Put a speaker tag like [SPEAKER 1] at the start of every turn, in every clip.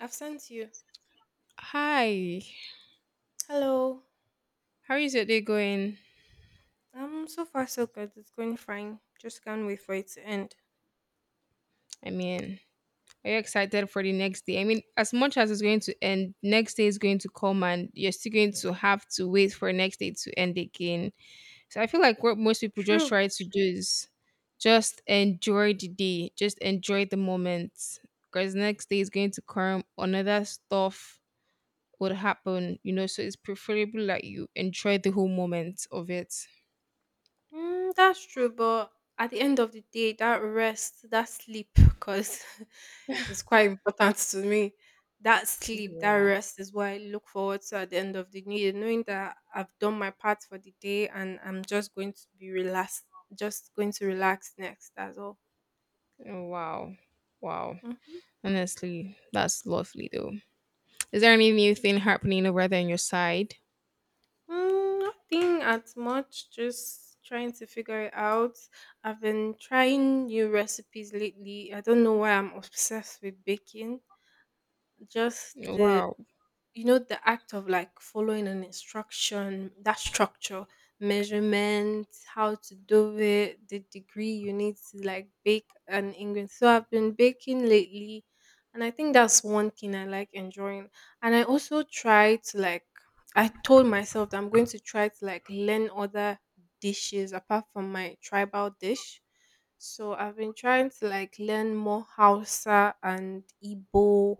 [SPEAKER 1] I've sent you.
[SPEAKER 2] Hi,
[SPEAKER 1] Hello.
[SPEAKER 2] how is your day going?
[SPEAKER 1] So far so good. It's going fine. Just can't wait for it to end.
[SPEAKER 2] I mean, are you excited for the next day? I mean, as much as it's going to end, next day is going to come and you're still going to have to wait for next day to end again. So I feel like what most people just
[SPEAKER 1] True.
[SPEAKER 2] try to do is just enjoy the day, just enjoy the moment because next day is going to come, another stuff would happen. So it's preferable that you enjoy the whole moment of it.
[SPEAKER 1] Mm, that's true, but at the end of the day, that rest, that sleep, because it's quite important to me. That sleep, that
[SPEAKER 2] Yeah.
[SPEAKER 1] rest is what I look forward to at the end of the day, knowing that I've done my part for the day and I'm just going to be relaxed, just going to relax next. That's all.
[SPEAKER 2] Oh, wow. Wow. Honestly, that's lovely though. Is there any new thing happening over there on your side?
[SPEAKER 1] Mm, nothing as much, just trying to figure it out. I've been trying new recipes lately. I don't know why I'm obsessed with baking. Just the
[SPEAKER 2] Wow.
[SPEAKER 1] you know the act of like following an instruction, that structure, measurement, how to do it, the degree you need to like bake an ingredient. So I've been baking lately, and I think that's one thing I like enjoying. And I also try to like, I told myself that I'm going to try to like learn other dishes apart from my tribal dish. So I've been trying to like learn more Hausa and Igbo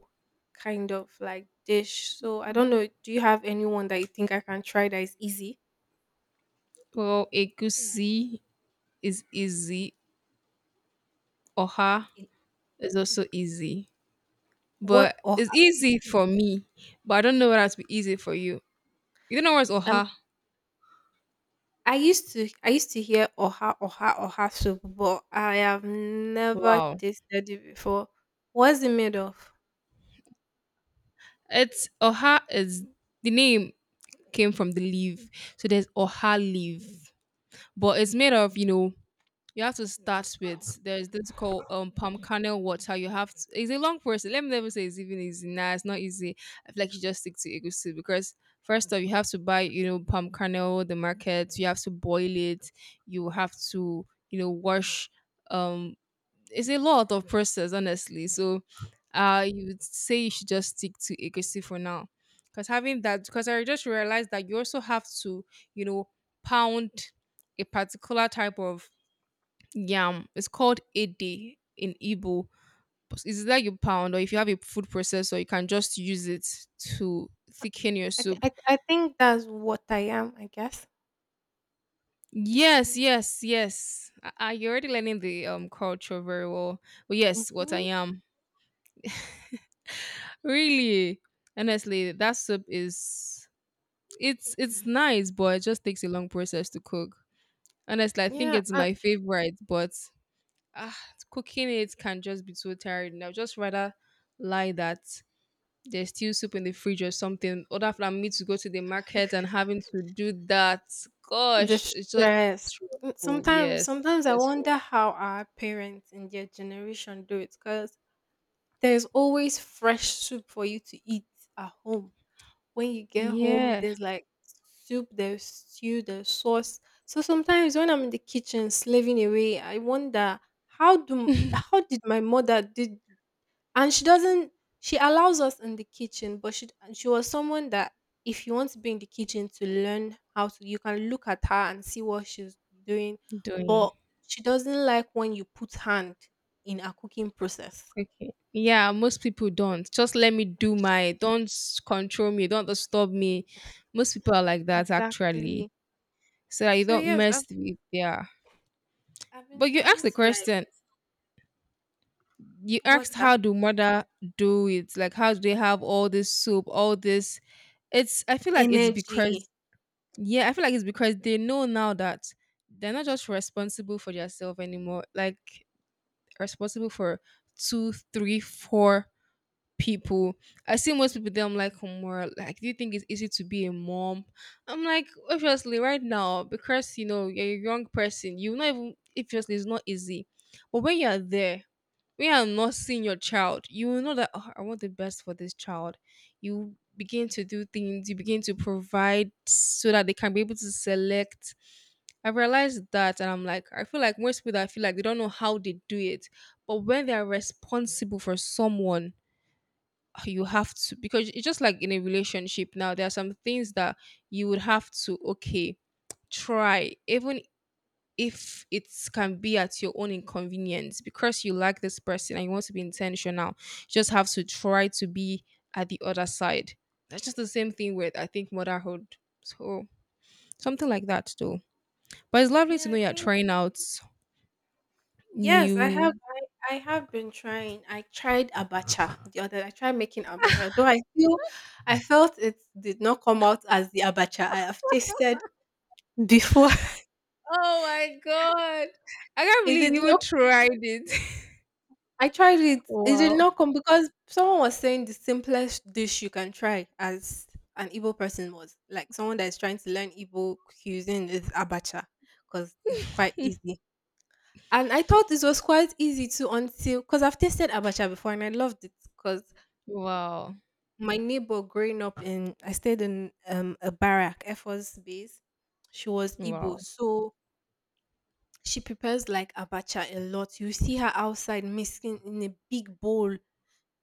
[SPEAKER 1] kind of like dish. So I don't know. Do you have anyone that you think I can try that is easy?
[SPEAKER 2] Well, egusi is easy. Oha is also easy.
[SPEAKER 1] What
[SPEAKER 2] But it's
[SPEAKER 1] oha?
[SPEAKER 2] easy for me. But I don't know what has to be easy for you. You don't know what's
[SPEAKER 1] Um,
[SPEAKER 2] oha?
[SPEAKER 1] I used to hear oha oha soup, but I have never
[SPEAKER 2] Wow.
[SPEAKER 1] tasted it before. What's it made of?
[SPEAKER 2] It's oha is the name came from the leaf. So there's oha leaf. But it's made of, you have to start with there's this called palm kernel water. You have to, it's a long process. Let me never say it's even easy. Nah, it's not easy. I feel like you just stick to egusi because first off, you have to buy palm kernel the market. You have to boil it. You have to wash. Um, it's a lot of process honestly. So, you would say you should just stick to egusi for now because having that because I just realized that you also have to you know pound a particular type of yam. It's called ede in Igbo. It's like you pound, or if you have a food processor, you can just use it to thicken your soup.
[SPEAKER 1] I think that's what I am. I guess.
[SPEAKER 2] Yes, yes, yes. Ah, ah, you're already learning the culture very well. But yes, what I
[SPEAKER 1] Mm-hmm.
[SPEAKER 2] am really, honestly, that soup is it's nice, but it just takes a long process to cook. Honestly, I think
[SPEAKER 1] Yeah.
[SPEAKER 2] it's
[SPEAKER 1] And
[SPEAKER 2] my favorite, but ah, cooking it can just be so tiring. I'd just rather lie that there's still soup in the fridge or something, other than me to go to the market and having to do that.
[SPEAKER 1] the
[SPEAKER 2] Gosh, it's just
[SPEAKER 1] stress. Mm,
[SPEAKER 2] stressful.
[SPEAKER 1] sometimes
[SPEAKER 2] Yes,
[SPEAKER 1] sometimes I
[SPEAKER 2] stressful.
[SPEAKER 1] wonder how our parents in their generation do it, because there's always fresh soup for you to eat at home. When you get home,
[SPEAKER 2] Yeah.
[SPEAKER 1] there's like soup, there's stew, there's sauce. So sometimes when I'm in the kitchen slaving away, I wonder, how do how did my mother did? And she doesn't, she allows us in the kitchen, but she, and she was someone that if you want to be in the kitchen to learn how to, you can look at her and see what she's doing, but
[SPEAKER 2] Doing
[SPEAKER 1] she doesn't like when you put hand in a cooking process.
[SPEAKER 2] cooking. Yeah, most people don't. Just let me do my don't control me, don't disturb me. Most people are like that actually.
[SPEAKER 1] Exactly.
[SPEAKER 2] So that you
[SPEAKER 1] So
[SPEAKER 2] don't
[SPEAKER 1] yes, I've
[SPEAKER 2] mess with yeah.
[SPEAKER 1] I've been
[SPEAKER 2] But you asked
[SPEAKER 1] trying
[SPEAKER 2] the
[SPEAKER 1] to like,
[SPEAKER 2] question. You
[SPEAKER 1] what's
[SPEAKER 2] asked
[SPEAKER 1] that?
[SPEAKER 2] how do mother do it? Like how do they have all this soup, all this it's I feel like it's
[SPEAKER 1] Energy.
[SPEAKER 2] because Yeah, I feel like it's because they know now that they're not just responsible for themselves anymore, like responsible for two, three, four people. I see most people there, I'm like, "Hmm, well, like, do you think it's easy to be a mom? I'm like, obviously, right now, because you're a young person, even obviously it's not easy. But when you're there, when you not seeing your child, you will know that "Oh, I want the best for this child. You begin to do things, you begin to provide so that they can be able to select. I realized that, and I'm like, I feel like most people that feel like they don't know how they do it, but when they are responsible for someone, you have to because it's just like in a relationship now. There are some things that you would have to okay try, even if it can be at your own inconvenience because you like this person and you want to be intentional you just have to try to be at the other side. That's just the same thing with I think motherhood. So something like that though. But it's lovely
[SPEAKER 1] Yeah,
[SPEAKER 2] to
[SPEAKER 1] I
[SPEAKER 2] know you're
[SPEAKER 1] think
[SPEAKER 2] trying out
[SPEAKER 1] yes,
[SPEAKER 2] new.
[SPEAKER 1] I have been trying. I tried abacha the other. I tried making abacha, though I feel, I felt it did not come out as the abacha I have tasted before.
[SPEAKER 2] Oh my god, I can't
[SPEAKER 1] It
[SPEAKER 2] believe
[SPEAKER 1] did
[SPEAKER 2] you even
[SPEAKER 1] not
[SPEAKER 2] tried it.
[SPEAKER 1] I tried it. It did
[SPEAKER 2] Wow.
[SPEAKER 1] not come, because someone was saying the simplest dish you can try as an Igbo person, was like someone that is trying to learn Igbo cuisine is abacha, because it's quite easy. And I thought this was quite easy too, until, because I've tasted abacha before and I loved it. Because
[SPEAKER 2] Wow,
[SPEAKER 1] my neighbor growing up in, I stayed in a barrack, Air Force base. She was Igbo,
[SPEAKER 2] wow,
[SPEAKER 1] so she prepares like abacha a lot. You see her outside mixing in a big bowl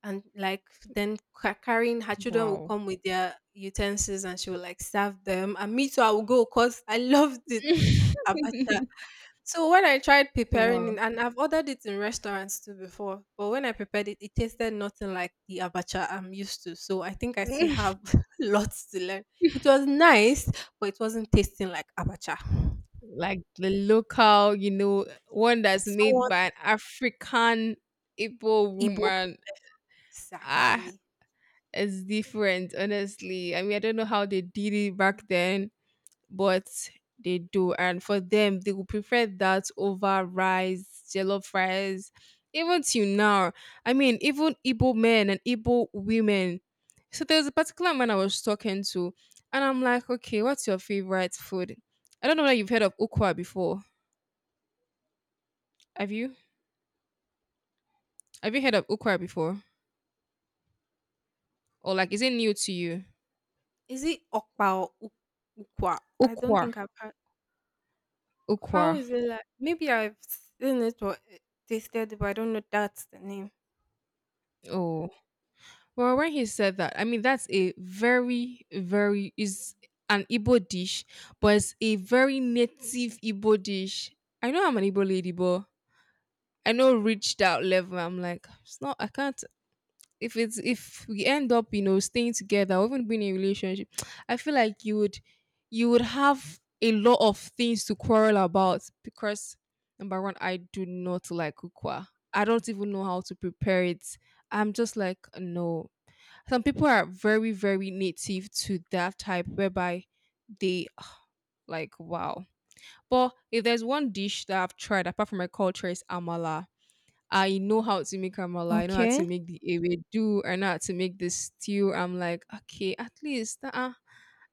[SPEAKER 1] and like, then carrying, her children will
[SPEAKER 2] wow.
[SPEAKER 1] come with their utensils and she will like serve them, and me too, I will go because I loved it, abacha. So when I tried preparing
[SPEAKER 2] Wow.
[SPEAKER 1] it, and I've ordered it in restaurants too before, but when I prepared it, it tasted nothing like the abacha I'm used to. So I think I still have lots to learn. It was nice, but it wasn't tasting like abacha.
[SPEAKER 2] Like the local, one
[SPEAKER 1] And
[SPEAKER 2] that's made
[SPEAKER 1] someone,
[SPEAKER 2] by an African Igbo
[SPEAKER 1] Igbo p-
[SPEAKER 2] woman. Ah,
[SPEAKER 1] exactly.
[SPEAKER 2] it's different, honestly. I mean, I don't know how they did it back then, but they do. And for them, they would prefer that over rice, jollof rice, even till now. I mean, even Igbo men and Igbo women. So there was a particular man I was talking to, and I'm like, okay, what's your favorite food? I don't know whether you've heard of ukwa before. Have you? Have you heard of Ukwa before? Or like, is it new to you?
[SPEAKER 1] Is it okpa or ukwa? I don't
[SPEAKER 2] Ukwa.
[SPEAKER 1] think I've heard. How
[SPEAKER 2] Ukwa.
[SPEAKER 1] is it like? Maybe I've seen it or tasted it, but I don't know that's the name.
[SPEAKER 2] Oh. Well, when he said that, I mean, that's a very, very, is an Igbo dish, but it's a very native Igbo dish. I know I'm an Igbo lady, but I know reached out level. I'm like, it's not, I can't if it's if we end up staying together or even being in a relationship, I feel like you would have a lot of things to quarrel about because number one I do not like kukwa. I don't even know how to prepare it. I'm just like no. Some people are very very native to that type whereby they like wow. But if there's one dish that I've tried apart from my culture is amala. I know how to make amala. I know how
[SPEAKER 1] Okay.
[SPEAKER 2] to make the ewedu. I know how to make the stew. I'm like, okay, at least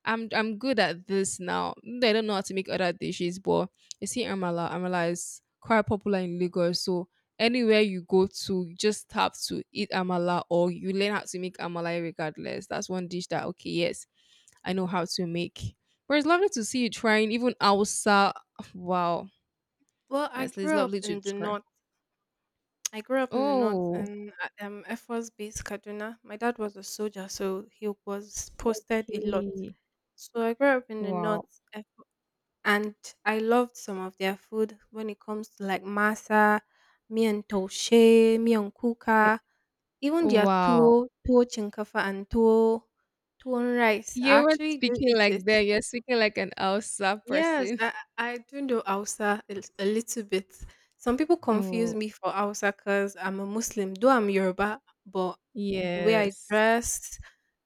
[SPEAKER 2] I'm good at this now. I don't know how to make other dishes, but you see, amala is quite popular in Lagos. So anywhere you go to, you just have to eat amala, or you learn how to make amala regardless. That's one dish that okay, yes, I know how to make. But it's lovely to see you trying, even outside. Wow,
[SPEAKER 1] Well, I
[SPEAKER 2] honestly, it's
[SPEAKER 1] grew up
[SPEAKER 2] lovely to
[SPEAKER 1] in the
[SPEAKER 2] try.
[SPEAKER 1] north. I grew up in the north
[SPEAKER 2] Oh.
[SPEAKER 1] in Air Force Base, Kaduna. My dad was a soldier, so he was posted a lot.
[SPEAKER 2] Okay.
[SPEAKER 1] So I grew up in the
[SPEAKER 2] Wow.
[SPEAKER 1] north, and I loved some of their food when it comes to like masa, miyan taushe, miyan
[SPEAKER 2] Eh,
[SPEAKER 1] kuka, even their
[SPEAKER 2] wow.
[SPEAKER 1] tuwo, tuwo chinkafa and tuwo, tuwo rice. I
[SPEAKER 2] You were
[SPEAKER 1] actually do
[SPEAKER 2] speaking
[SPEAKER 1] eat
[SPEAKER 2] like
[SPEAKER 1] it.
[SPEAKER 2] that. You're speaking like an Elsa
[SPEAKER 1] Yes,
[SPEAKER 2] person.
[SPEAKER 1] I, I do know Hausa a, a little bit. Some people confuse
[SPEAKER 2] Oh,
[SPEAKER 1] me for Hausa because I'm a Muslim, though I'm Yoruba, but the way I
[SPEAKER 2] yes.
[SPEAKER 1] dress,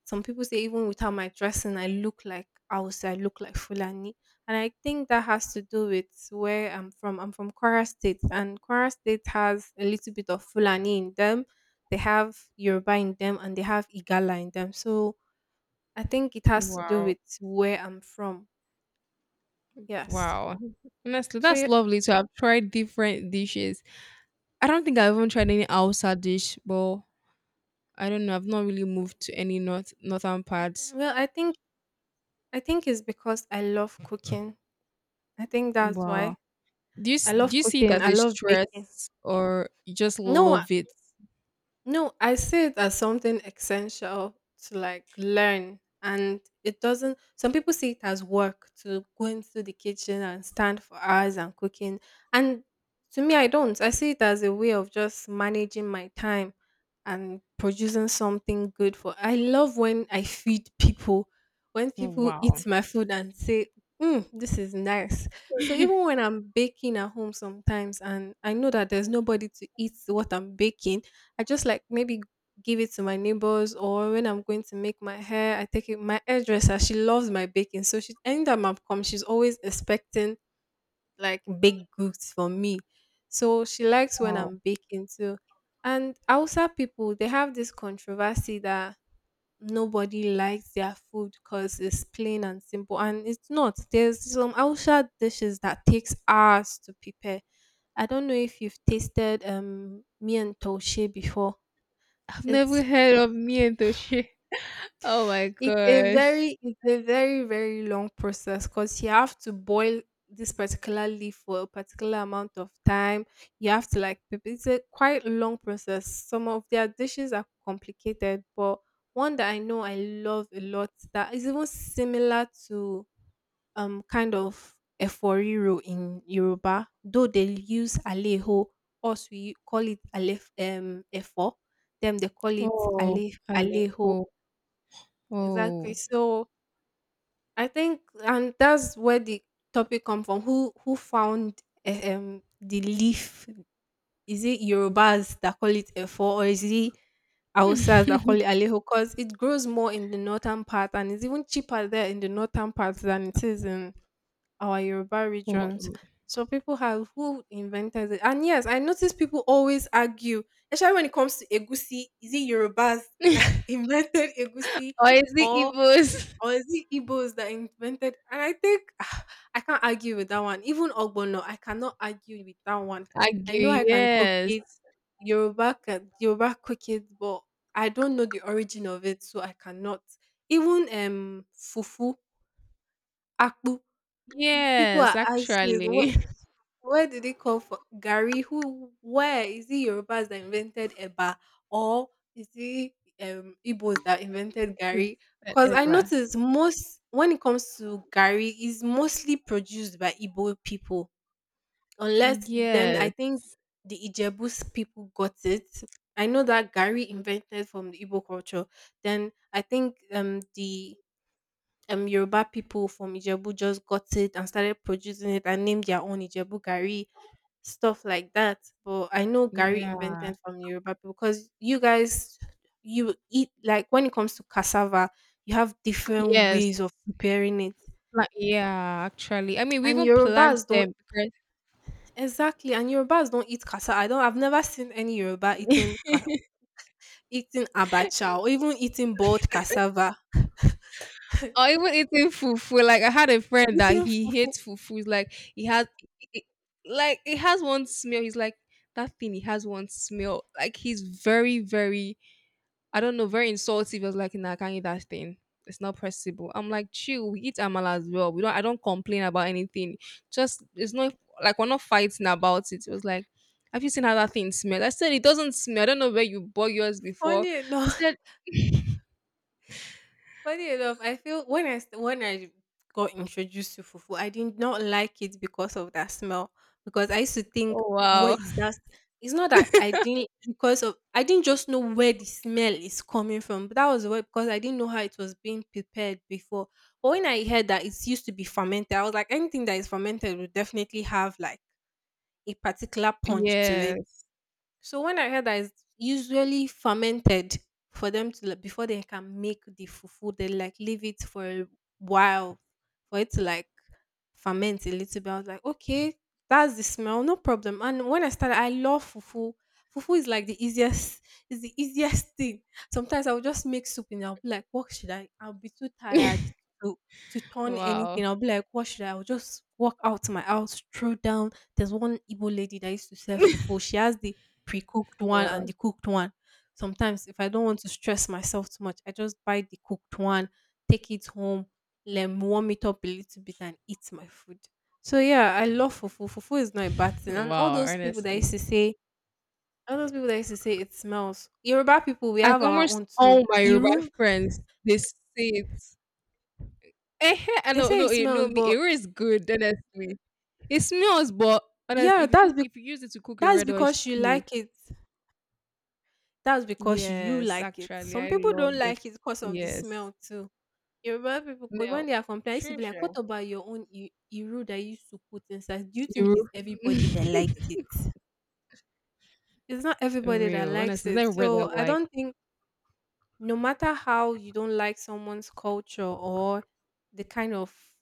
[SPEAKER 1] some people say even without my dressing, I look like Hausa, I look like Fulani. And I think that has to do with where I'm from. I'm from Kwara State, and Kwara State has a little bit of Fulani in them. They have Yoruba in them, and they have Igala in them. So I think it has to do
[SPEAKER 2] Wow.
[SPEAKER 1] with where I'm from. Yes.
[SPEAKER 2] Wow. Honestly,
[SPEAKER 1] So
[SPEAKER 2] that's
[SPEAKER 1] yeah,
[SPEAKER 2] lovely. So I have tried different dishes. I don't think I've even tried any outside dish, but I don't know. I've not really moved to any northern parts.
[SPEAKER 1] well, I think it's because I love cooking. I think that's
[SPEAKER 2] Wow.
[SPEAKER 1] why. I
[SPEAKER 2] Do
[SPEAKER 1] love
[SPEAKER 2] you see it
[SPEAKER 1] cooking.
[SPEAKER 2] as
[SPEAKER 1] I
[SPEAKER 2] a
[SPEAKER 1] love baking.
[SPEAKER 2] stress or you just
[SPEAKER 1] No,
[SPEAKER 2] love it?
[SPEAKER 1] No, I see it as something essential to like learn. And it doesn't, some people see it as work to go into the kitchen and stand for hours and cooking. And to me, I don't. I see it as a way of just managing my time and producing something good for. I love when I feed people, when
[SPEAKER 2] Oh,
[SPEAKER 1] people
[SPEAKER 2] wow.
[SPEAKER 1] eat my food and say, mm, this is nice. So even when I'm baking at home sometimes and I know that there's nobody to eat what I'm baking, I just like maybe give it to my neighbors, or when I'm going to make my hair, I take it my hairdresser, she loves my baking. So she, anytime I've come, she's always expecting like baked goods from me. So she likes when
[SPEAKER 2] Wow.
[SPEAKER 1] I'm baking too. And Hausa people, they have this controversy that nobody likes their food because it's plain and simple. And it's not. There's some Hausa dishes that takes hours to prepare. I don't know if you've tasted mian taushe before.
[SPEAKER 2] I've never
[SPEAKER 1] It's
[SPEAKER 2] heard of mientoche. Oh my
[SPEAKER 1] it's a
[SPEAKER 2] gosh.
[SPEAKER 1] very, it's a very, very long process because you have to boil this particular leaf for a particular amount of time. You have to, like, prep, it's a quite long process. Some of their dishes are complicated, but one that I know I love a lot that is even similar to, kind of eforiru in Yoruba, though they use aleho, us we call it alef efo, them they call it
[SPEAKER 2] Oh,
[SPEAKER 1] ale aleho.
[SPEAKER 2] Alejo.
[SPEAKER 1] Exactly.
[SPEAKER 2] Oh.
[SPEAKER 1] So I think, and that's where the topic come from. Who found eh, the leaf? Is it Yorubas that call it efo, or is it Hausas that call it aleho? Because it grows more in the northern part, and it's even cheaper there in the northern part than it is in our Yoruba regions.
[SPEAKER 2] Oh.
[SPEAKER 1] So people have, who invented it? And yes, I notice people always argue, especially when it comes to egusi. Is it Yorubas that invented egusi,
[SPEAKER 2] Or is it Igbo's
[SPEAKER 1] or is it Igbos that invented? And I think I can't argue with that one. Even Ogbono, I cannot argue with that one. I know
[SPEAKER 2] ague?
[SPEAKER 1] I can cook
[SPEAKER 2] Yes.
[SPEAKER 1] it, Yoruba can Yoruba cook it, but I don't know the origin of it, so I cannot. Even fufu, akpu. People
[SPEAKER 2] Yes,
[SPEAKER 1] are asking what,
[SPEAKER 2] actually.
[SPEAKER 1] where did it come from? Gary, who, where, is it Yorubas that invented Eba, or is it Igbos that invented Gary? Because I
[SPEAKER 2] Whatever.
[SPEAKER 1] notice most when it comes to Gary is mostly produced by Igbo people. Unless then I
[SPEAKER 2] Yes.
[SPEAKER 1] think the Ijebu's people got it. I know that Gary invented from the Igbo culture. Then I think the Yoruba people from Ijebu just got it and started producing it and named their own Ijebu Gari, stuff like that. But I know Gari
[SPEAKER 2] Yeah.
[SPEAKER 1] invented from Yoruba people because you guys, you eat like when it comes to cassava, you have different
[SPEAKER 2] Yes.
[SPEAKER 1] ways of preparing it.
[SPEAKER 2] Like, yeah, actually. I mean, we
[SPEAKER 1] And
[SPEAKER 2] even plant
[SPEAKER 1] Yorubas don't,
[SPEAKER 2] them
[SPEAKER 1] exactly, and Yorubas don't eat cassava. I've never seen any Yoruba eating
[SPEAKER 2] because.
[SPEAKER 1] eating abacha or even eating boiled cassava.
[SPEAKER 2] Or even eating fufu. Like I had a friend that
[SPEAKER 1] eating
[SPEAKER 2] he
[SPEAKER 1] fufu.
[SPEAKER 2] hates fufu. He's like he has it, like it has one smell. He's like that thing. He has one smell. Like he's very very I don't know, very insultive. It was like, nah, I can't eat that thing. It's not possible. I'm like, chill, we eat amala as well. We don't I don't complain about anything. Just it's not like we're not fighting about it. It was like, have you seen how that thing smells? I said it doesn't smell. I don't know where you bought yours before.
[SPEAKER 1] Funny
[SPEAKER 2] But
[SPEAKER 1] enough.
[SPEAKER 2] said.
[SPEAKER 1] Funny enough, I feel when when I got introduced to fufu, I did not like it because of that smell. Because I used to think,
[SPEAKER 2] Oh,
[SPEAKER 1] what
[SPEAKER 2] wow.
[SPEAKER 1] is that? It's not that I didn't, because of, I didn't just know where the smell is coming from. But that was why, because I didn't know how it was being prepared before. But when I heard that it used to be fermented, I was like, anything that is fermented will definitely have like a particular punch to it.
[SPEAKER 2] Yes.
[SPEAKER 1] So when I heard that it's usually fermented for them to like, before they can make the fufu, they like leave it for a while for it to like ferment a little bit. I was like, okay, that's the smell, no problem. And when I started, I love fufu. Fufu is like the easiest, is the easiest thing. Sometimes I'll just make soup and I'll be like, what should I? I'll be too tired to to turn anything.
[SPEAKER 2] Wow.
[SPEAKER 1] I'll be like, what should I? I'll just walk out to my house, throw down. There's one Igbo lady that used to sell fufu. She has the pre-cooked one
[SPEAKER 2] Wow.
[SPEAKER 1] and the cooked one. Sometimes if I don't want to stress myself too much, I just buy the cooked one, take it home, let me warm it up a little bit and eat my food. So yeah, I love fufu. Fufu is not a bad thing. And all
[SPEAKER 2] Wow.
[SPEAKER 1] those people that used
[SPEAKER 2] Honestly.
[SPEAKER 1] to say, All those people that used to say it smells. Yoruba people, we
[SPEAKER 2] I
[SPEAKER 1] have our
[SPEAKER 2] almost
[SPEAKER 1] own
[SPEAKER 2] all
[SPEAKER 1] too.
[SPEAKER 2] my Yoruba
[SPEAKER 1] Iru,
[SPEAKER 2] friends they say it. Eh, I
[SPEAKER 1] they
[SPEAKER 2] know,
[SPEAKER 1] say
[SPEAKER 2] no,
[SPEAKER 1] it smells,
[SPEAKER 2] no, me
[SPEAKER 1] but
[SPEAKER 2] Ero is good, honestly. It smells, but honestly,
[SPEAKER 1] yeah,
[SPEAKER 2] if you cook, if you use it to cook a
[SPEAKER 1] that's
[SPEAKER 2] red oil
[SPEAKER 1] because you
[SPEAKER 2] stew,
[SPEAKER 1] like it. That's because you
[SPEAKER 2] yes,
[SPEAKER 1] like it.
[SPEAKER 2] actually,
[SPEAKER 1] Some
[SPEAKER 2] I
[SPEAKER 1] people
[SPEAKER 2] love
[SPEAKER 1] don't
[SPEAKER 2] it.
[SPEAKER 1] like it because of the
[SPEAKER 2] Yes,
[SPEAKER 1] smell too. Yoruba people, 'cause
[SPEAKER 2] no.
[SPEAKER 1] when they are complaining, I used to
[SPEAKER 2] True,
[SPEAKER 1] be like, "What
[SPEAKER 2] sure.
[SPEAKER 1] about your own iru that you used to put inside? Do you think
[SPEAKER 2] You
[SPEAKER 1] it's everybody that likes it? It's not everybody that
[SPEAKER 2] real,
[SPEAKER 1] likes
[SPEAKER 2] honestly,
[SPEAKER 1] it.
[SPEAKER 2] never read
[SPEAKER 1] So
[SPEAKER 2] that
[SPEAKER 1] I
[SPEAKER 2] like.
[SPEAKER 1] don't think, no matter how you don't like someone's culture or the kind of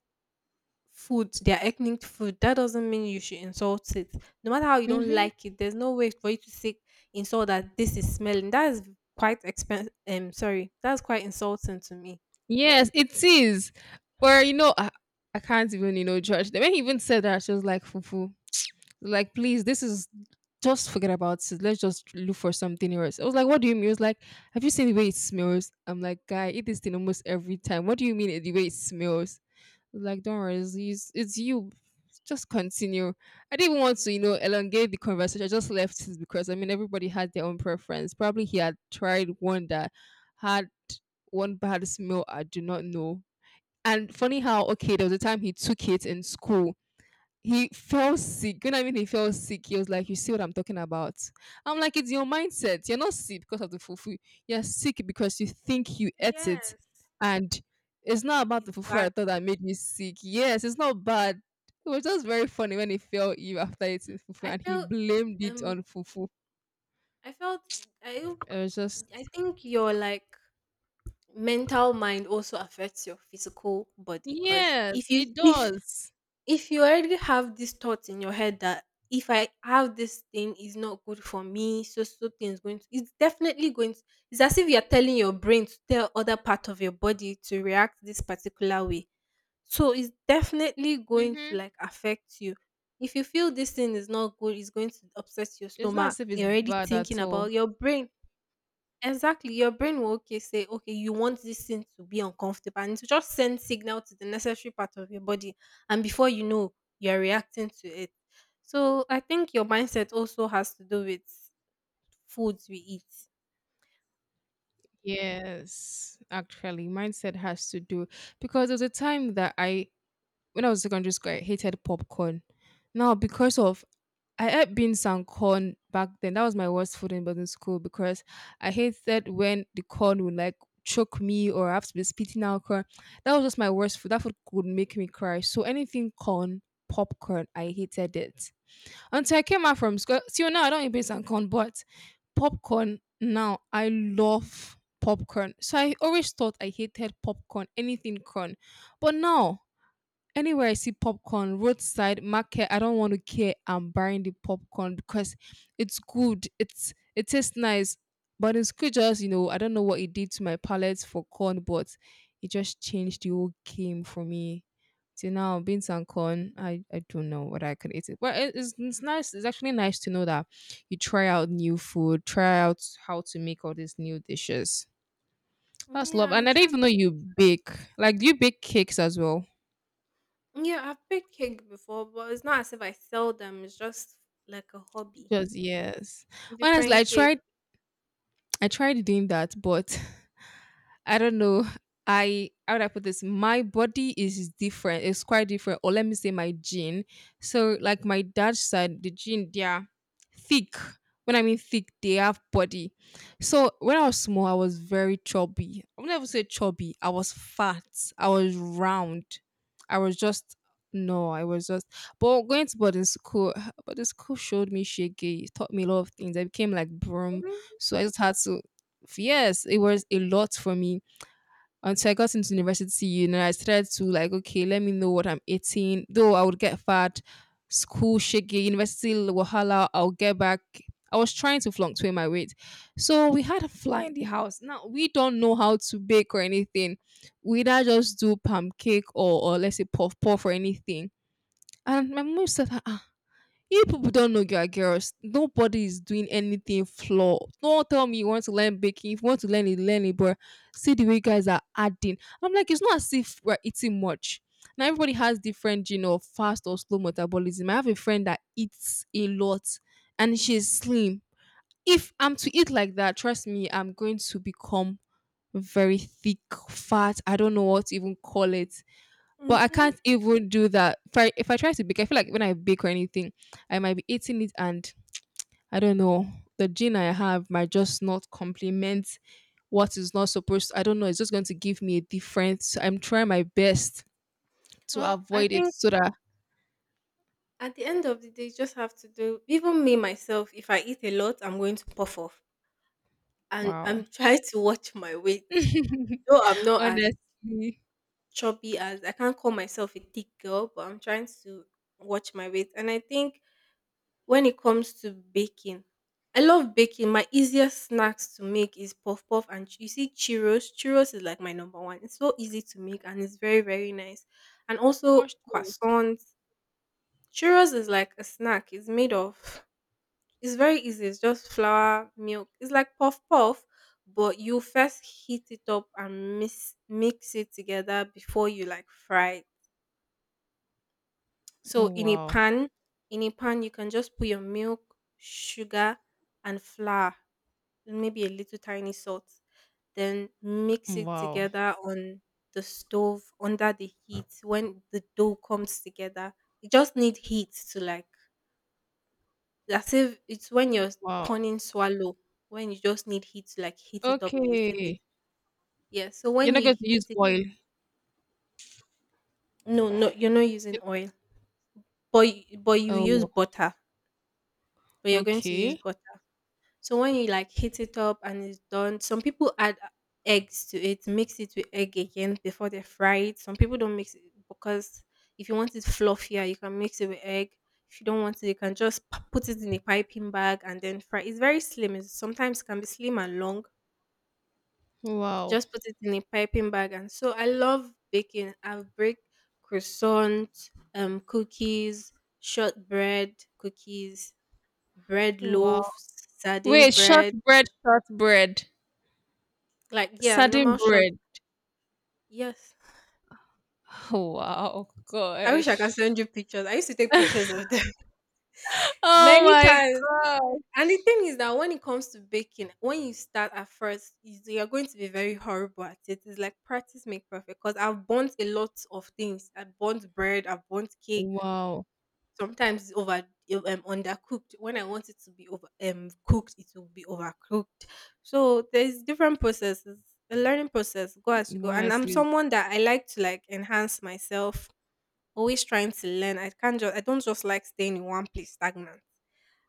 [SPEAKER 1] food, their ethnic food, that doesn't mean you should insult it. No matter how you don't
[SPEAKER 2] Hmm.
[SPEAKER 1] like it, there's no way for you to say insult that this is smelling. That is quite expensive. Sorry, that's quite insulting to me.
[SPEAKER 2] Yes, it is. Or you know, I can't even judge them. When he even said that, she was like fufu. Like, please, this is just forget about it. Let's just look for something else. I was like, what do you mean? He was like, have you seen the way it smells? I'm like, guy, eat this thing almost every time. What do you mean the way it smells? He was like, don't worry, it's you. Just continue. I didn't want to, elongate the conversation. I just left it because I mean everybody had their own preference. Probably he had tried one that had one bad smell I do not know. And funny how okay, there was a time he took it in school he fell sick. When I mean he fell sick, he was like, you see what I'm talking about? I'm like, it's your mindset. You're not sick because of the fufu. You're sick because you think you ate it.
[SPEAKER 1] Yes,
[SPEAKER 2] And it's not about the
[SPEAKER 1] it's
[SPEAKER 2] fufu I
[SPEAKER 1] bad.
[SPEAKER 2] thought that made me sick. Yes, it's not bad. It was just very funny when he fell ill after eating fufu
[SPEAKER 1] I
[SPEAKER 2] and he
[SPEAKER 1] feel
[SPEAKER 2] blamed it
[SPEAKER 1] um
[SPEAKER 2] on fufu.
[SPEAKER 1] I felt I
[SPEAKER 2] It was just,
[SPEAKER 1] I think your like mental mind also affects your physical body because
[SPEAKER 2] yes,
[SPEAKER 1] if you
[SPEAKER 2] it
[SPEAKER 1] if
[SPEAKER 2] does.
[SPEAKER 1] if you already have these thoughts in your head that if I have this thing is not good for me, so thing is going to it's definitely going to it's as if you're telling your brain to tell other part of your body to react this particular way. So it's definitely going to
[SPEAKER 2] Mm-hmm.
[SPEAKER 1] like affect you if you feel this thing is not good, it's going to upset your
[SPEAKER 2] It's not
[SPEAKER 1] stomach.
[SPEAKER 2] as if it's
[SPEAKER 1] You're already
[SPEAKER 2] bad
[SPEAKER 1] thinking
[SPEAKER 2] at
[SPEAKER 1] about
[SPEAKER 2] all.
[SPEAKER 1] your brain. Exactly. Your brain will okay say, okay, you want this thing to be uncomfortable, and it will just send signal to the necessary part of your body, and before you know, you're reacting to it. So I think your mindset also has to do with foods we eat.
[SPEAKER 2] Yes, actually, mindset has to do because there was a time that I when I was in secondary school, I hated popcorn. Now, because of I ate beans and corn back then. That was my worst food in boarding school because I hated when the corn would like choke me or I have to be spitting out corn. That was just my worst food. That food would make me cry. So anything corn, popcorn, I hated it. Until I came out from school. See, now I don't eat beans and corn, but popcorn now, I love popcorn. So I always thought I hated popcorn, anything corn. But now anywhere I see popcorn, roadside, market, I don't want to care. I'm buying the popcorn because it's good. It tastes nice. But in school just, I don't know what it did to my palate for corn, but it just changed the whole game for me. Till now, beans and corn, I don't know what I could eat it. Well, it's nice. It's actually nice to know that you try out new food, try out how to make all these new dishes. That's
[SPEAKER 1] Yeah,
[SPEAKER 2] love.
[SPEAKER 1] I'm
[SPEAKER 2] And I didn't
[SPEAKER 1] trying.
[SPEAKER 2] even know you bake. Like, do you bake cakes as well?
[SPEAKER 1] Yeah, I've baked cake before, but it's not as if I sell them. It's just like a hobby.
[SPEAKER 2] Just yes. Honestly,
[SPEAKER 1] Different cake.
[SPEAKER 2] I tried doing that, but I don't know. I How would I put this? My body is different. It's quite different. Or let me say my gene. So like my dad's side, the gene, they are thick. When I mean thick, they have body. So when I was small, I was very chubby. I would never say chubby. I was fat. I was round. I was just no, I was just but going to boarding school, boarding school showed me shaky, it taught me a lot of things. I became like broom. So I just had to yes, it was a lot for me until I got into university, and I started to like, okay, let me know what I'm eating. Though I would get fat, school shaky, university wahala, I'll get back. I was trying to fluctuate my weight. So we had a fly in the house. Now we don't know how to bake or anything. We either just do palm cake or let's say puff puff or anything. And my mom said, you people don't know you are girls. Nobody is doing anything flaw. Don't tell me you want to learn baking. If you want to learn it, learn it. But see the way guys are adding. I'm like, it's not as if we're eating much. Now everybody has different, fast or slow metabolism. I have a friend that eats a lot, and she's slim. If I'm to eat like that, trust me, I'm going to become very thick, fat. I don't know what to even call it. But I
[SPEAKER 1] Mm-hmm.
[SPEAKER 2] can't even do that. If I try to bake, I feel like when I bake or anything, I might be eating it and I don't know. The gene I have might just not complement what is not supposed to. I don't know. It's just going to give me a difference. I'm trying my best to
[SPEAKER 1] Well, I
[SPEAKER 2] avoid it
[SPEAKER 1] think
[SPEAKER 2] so that
[SPEAKER 1] at the end of the day, you just have to do. Even me myself, if I eat a lot, I'm going to puff off, and
[SPEAKER 2] wow.
[SPEAKER 1] I'm trying to watch my weight. Though I'm not as
[SPEAKER 2] Honestly.
[SPEAKER 1] chubby as I can't call myself a thick girl, but I'm trying to watch my weight. And I think when it comes to baking, I love baking. My easiest snacks to make is puff puff and you see churros. Churros is like my number one. It's so easy to make and it's very very nice. And also
[SPEAKER 2] Mushrooms.
[SPEAKER 1] croissants. Churros is like a snack. It's made of It's very easy. It's just flour, milk. It's like puff puff, but you first heat it up and mix it together before you like fry it.
[SPEAKER 2] Oh,
[SPEAKER 1] So in a
[SPEAKER 2] wow.
[SPEAKER 1] pan, in a pan you can just put your milk, sugar, and flour, and maybe a little tiny salt. Then mix it
[SPEAKER 2] Wow.
[SPEAKER 1] together on the stove under the heat when the dough comes together. You just need heat to like As if it's when you're
[SPEAKER 2] Wow.
[SPEAKER 1] turning swallow, when you just need heat to like heat it up a little bit.
[SPEAKER 2] Okay.
[SPEAKER 1] Yeah. So
[SPEAKER 2] You're
[SPEAKER 1] when
[SPEAKER 2] not
[SPEAKER 1] you
[SPEAKER 2] going to
[SPEAKER 1] heat
[SPEAKER 2] use
[SPEAKER 1] it,
[SPEAKER 2] oil.
[SPEAKER 1] no, no, you're not using oil, but
[SPEAKER 2] Oh,
[SPEAKER 1] but you're going to use
[SPEAKER 2] okay.
[SPEAKER 1] butter. So when you like heat it up and it's done, some people add eggs to it, mix it with egg again before they fry it. Some people don't mix it because if you want it fluffier, you can mix it with egg. If you don't want it, you can just put it in a piping bag and then fry. It's very slim. It's sometimes can be slim and long.
[SPEAKER 2] Wow.
[SPEAKER 1] Just put it in a piping bag, and so I love baking. I've baked croissant, cookies, shortbread cookies, bread
[SPEAKER 2] Wow.
[SPEAKER 1] loaves, sardine
[SPEAKER 2] Wait,
[SPEAKER 1] bread.
[SPEAKER 2] shortbread, shortbread,
[SPEAKER 1] Like yeah,
[SPEAKER 2] sardine
[SPEAKER 1] normal short.
[SPEAKER 2] bread.
[SPEAKER 1] Yes.
[SPEAKER 2] Oh, wow,
[SPEAKER 1] I wish I could
[SPEAKER 2] gosh.
[SPEAKER 1] send you pictures. I used to take pictures of them
[SPEAKER 2] Oh
[SPEAKER 1] many
[SPEAKER 2] my
[SPEAKER 1] times.
[SPEAKER 2] gosh.
[SPEAKER 1] And the thing is that when it comes to baking, when you start at first, you're going to be very horrible at it. It's like practice make perfect. Because I've burnt a lot of things. I burnt bread, I've burnt cake.
[SPEAKER 2] Wow.
[SPEAKER 1] Sometimes it's over undercooked. When I want it to be over cooked, it will be overcooked. So there's different processes. The learning process go as you go. And I'm
[SPEAKER 2] Honestly,
[SPEAKER 1] someone that I like to like enhance myself. Always trying to learn. I don't just like staying in one place stagnant.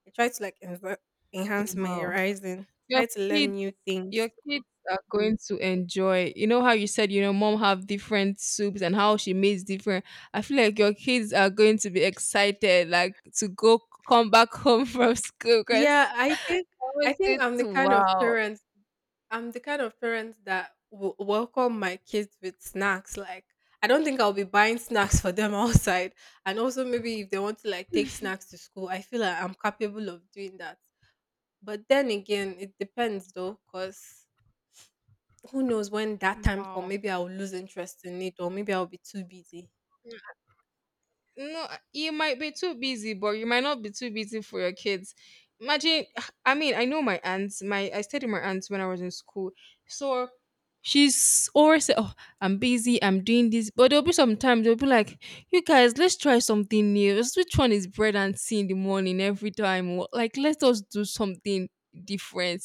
[SPEAKER 1] I try to like enhance my
[SPEAKER 2] wow.
[SPEAKER 1] horizon.
[SPEAKER 2] Your
[SPEAKER 1] Try to learn
[SPEAKER 2] kids,
[SPEAKER 1] new
[SPEAKER 2] your
[SPEAKER 1] things.
[SPEAKER 2] kids are going to enjoy. You know how you said, mom have different soups and how she makes different. I feel like your kids are going to be excited, like to go come back home from school
[SPEAKER 1] Yeah,
[SPEAKER 2] because
[SPEAKER 1] I think
[SPEAKER 2] always
[SPEAKER 1] I
[SPEAKER 2] good
[SPEAKER 1] think I'm the
[SPEAKER 2] to
[SPEAKER 1] kind of
[SPEAKER 2] wow.
[SPEAKER 1] parent I'm the kind of parent that will welcome my kids with snacks. Like, I don't think I'll be buying snacks for them outside. And also, maybe if they want to like take snacks to school, I feel like I'm capable of doing that. But then again, it depends though, because who knows when that time comes?
[SPEAKER 2] Wow.
[SPEAKER 1] Maybe I'll lose interest in it, or maybe I'll be too busy.
[SPEAKER 2] No, you might be too busy, but you might not be too busy for your kids. Imagine, I mean, I know my aunt. My I stayed with my aunt when I was in school, so she's always say, "Oh, I'm busy. I'm doing this," but there'll be some times they'll be like, "You guys, let's try something new. Let's- Which one is bread and tea in the morning every time? Wha- Like, let us do something different."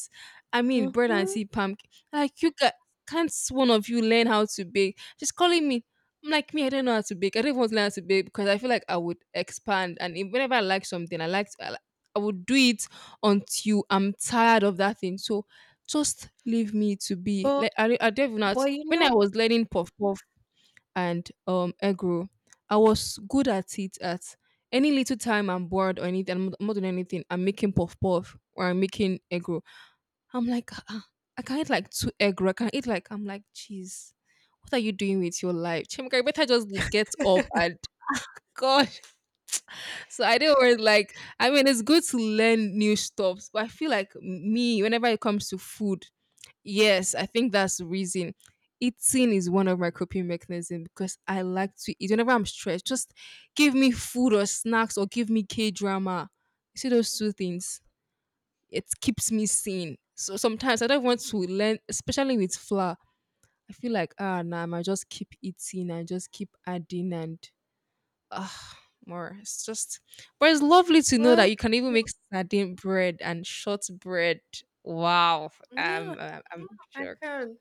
[SPEAKER 2] I mean, bread and
[SPEAKER 1] Mm-hmm.
[SPEAKER 2] tea pumpkin. Like, you guys, can't one of you learn how to bake? She's calling me I'm like me, I don't know how to bake. I don't even want to learn how to bake because I feel like I would expand. And if, whenever I like something, I would do it until I'm tired of that thing. So just leave me to be.
[SPEAKER 1] But
[SPEAKER 2] I don't even know how to,
[SPEAKER 1] but you
[SPEAKER 2] when I
[SPEAKER 1] know,
[SPEAKER 2] was learning puff puff and egg roll, I was good at it. At any little time I'm bored or anything, I'm not doing anything. I'm making puff puff or I'm making egg roll. I'm like, "Ah, I can eat like two egg roll. I can eat like I'm like, jeez, what are you doing with your life? Chimka, you better just get up and gosh." So I didn't worry, like, I mean, it's good to learn new stuff, but I feel like me, whenever it comes to food, yes, I think that's the reason. Eating is one of my coping mechanisms because I like to eat. Whenever I'm stressed, just give me food or snacks or give me K drama. You see those two things it keeps me sane. So sometimes I don't want to learn, especially with flour. I feel like ah nah, I might just keep eating and just keep adding and ah more. It's just, but it's lovely to know that
[SPEAKER 1] well,
[SPEAKER 2] you can even make sardine bread and shortbread. Wow,
[SPEAKER 1] yeah,
[SPEAKER 2] am I'm
[SPEAKER 1] I
[SPEAKER 2] shocked.
[SPEAKER 1] can.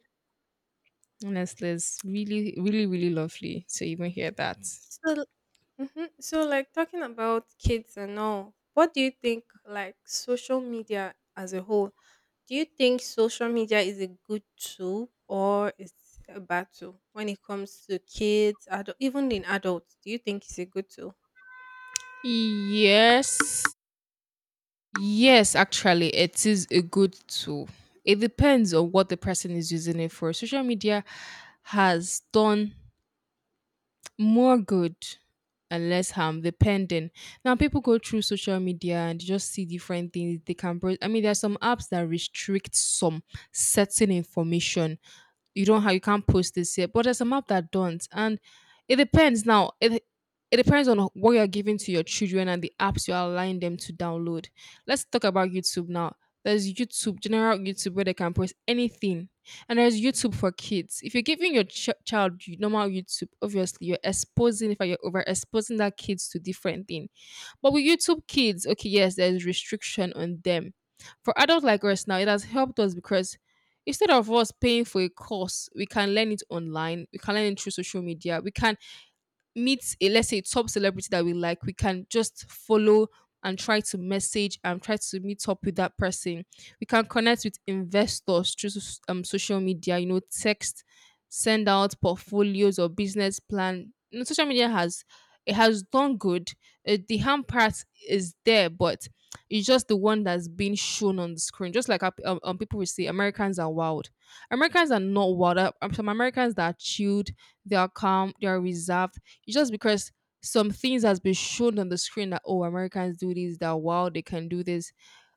[SPEAKER 2] Honestly, it's really, really, really lovely to even hear that.
[SPEAKER 1] So. Mm-hmm. So, like talking about kids and all, what do you think? Like social media as a whole, do you think social media is a good tool or it's a bad tool when it comes to kids, adult, even in adults? Do you think it's a good tool?
[SPEAKER 2] Yes. Yes, actually, it is a good tool. It depends on what the person is using it for. Social media has done more good and less harm depending now people go through social media and they just see different things they can bro- I mean there are some apps that restrict some certain information. You don't have you can't post this here but there's some app that don't. And it depends now it it depends on what you're giving to your children and the apps you're allowing them to download. Let's talk about YouTube now. There's YouTube, general YouTube, where they can post anything, and there's YouTube for kids. If you're giving your ch- child you- normal YouTube, obviously you're exposing, if you're overexposing that kids to different thing. But with YouTube kids, okay, yes, there's restriction on them. For adults like us now, it has helped us because instead of us paying for a course, we can learn it online. We can learn it through social media. We can meet a let's say top celebrity that we like, we can just follow and try to message and try to meet up with that person. We can connect with investors through s- social media, you know, text, send out portfolios or business plan. You know, social media has it has done good. The harm part is there, but it's just the one that's being shown on the screen. Just like people will say, Americans are wild. Americans are not wild. Some Americans that are chilled, they are calm, they are reserved. It's just because some things has been shown on the screen that oh Americans do this, that wow they can do this.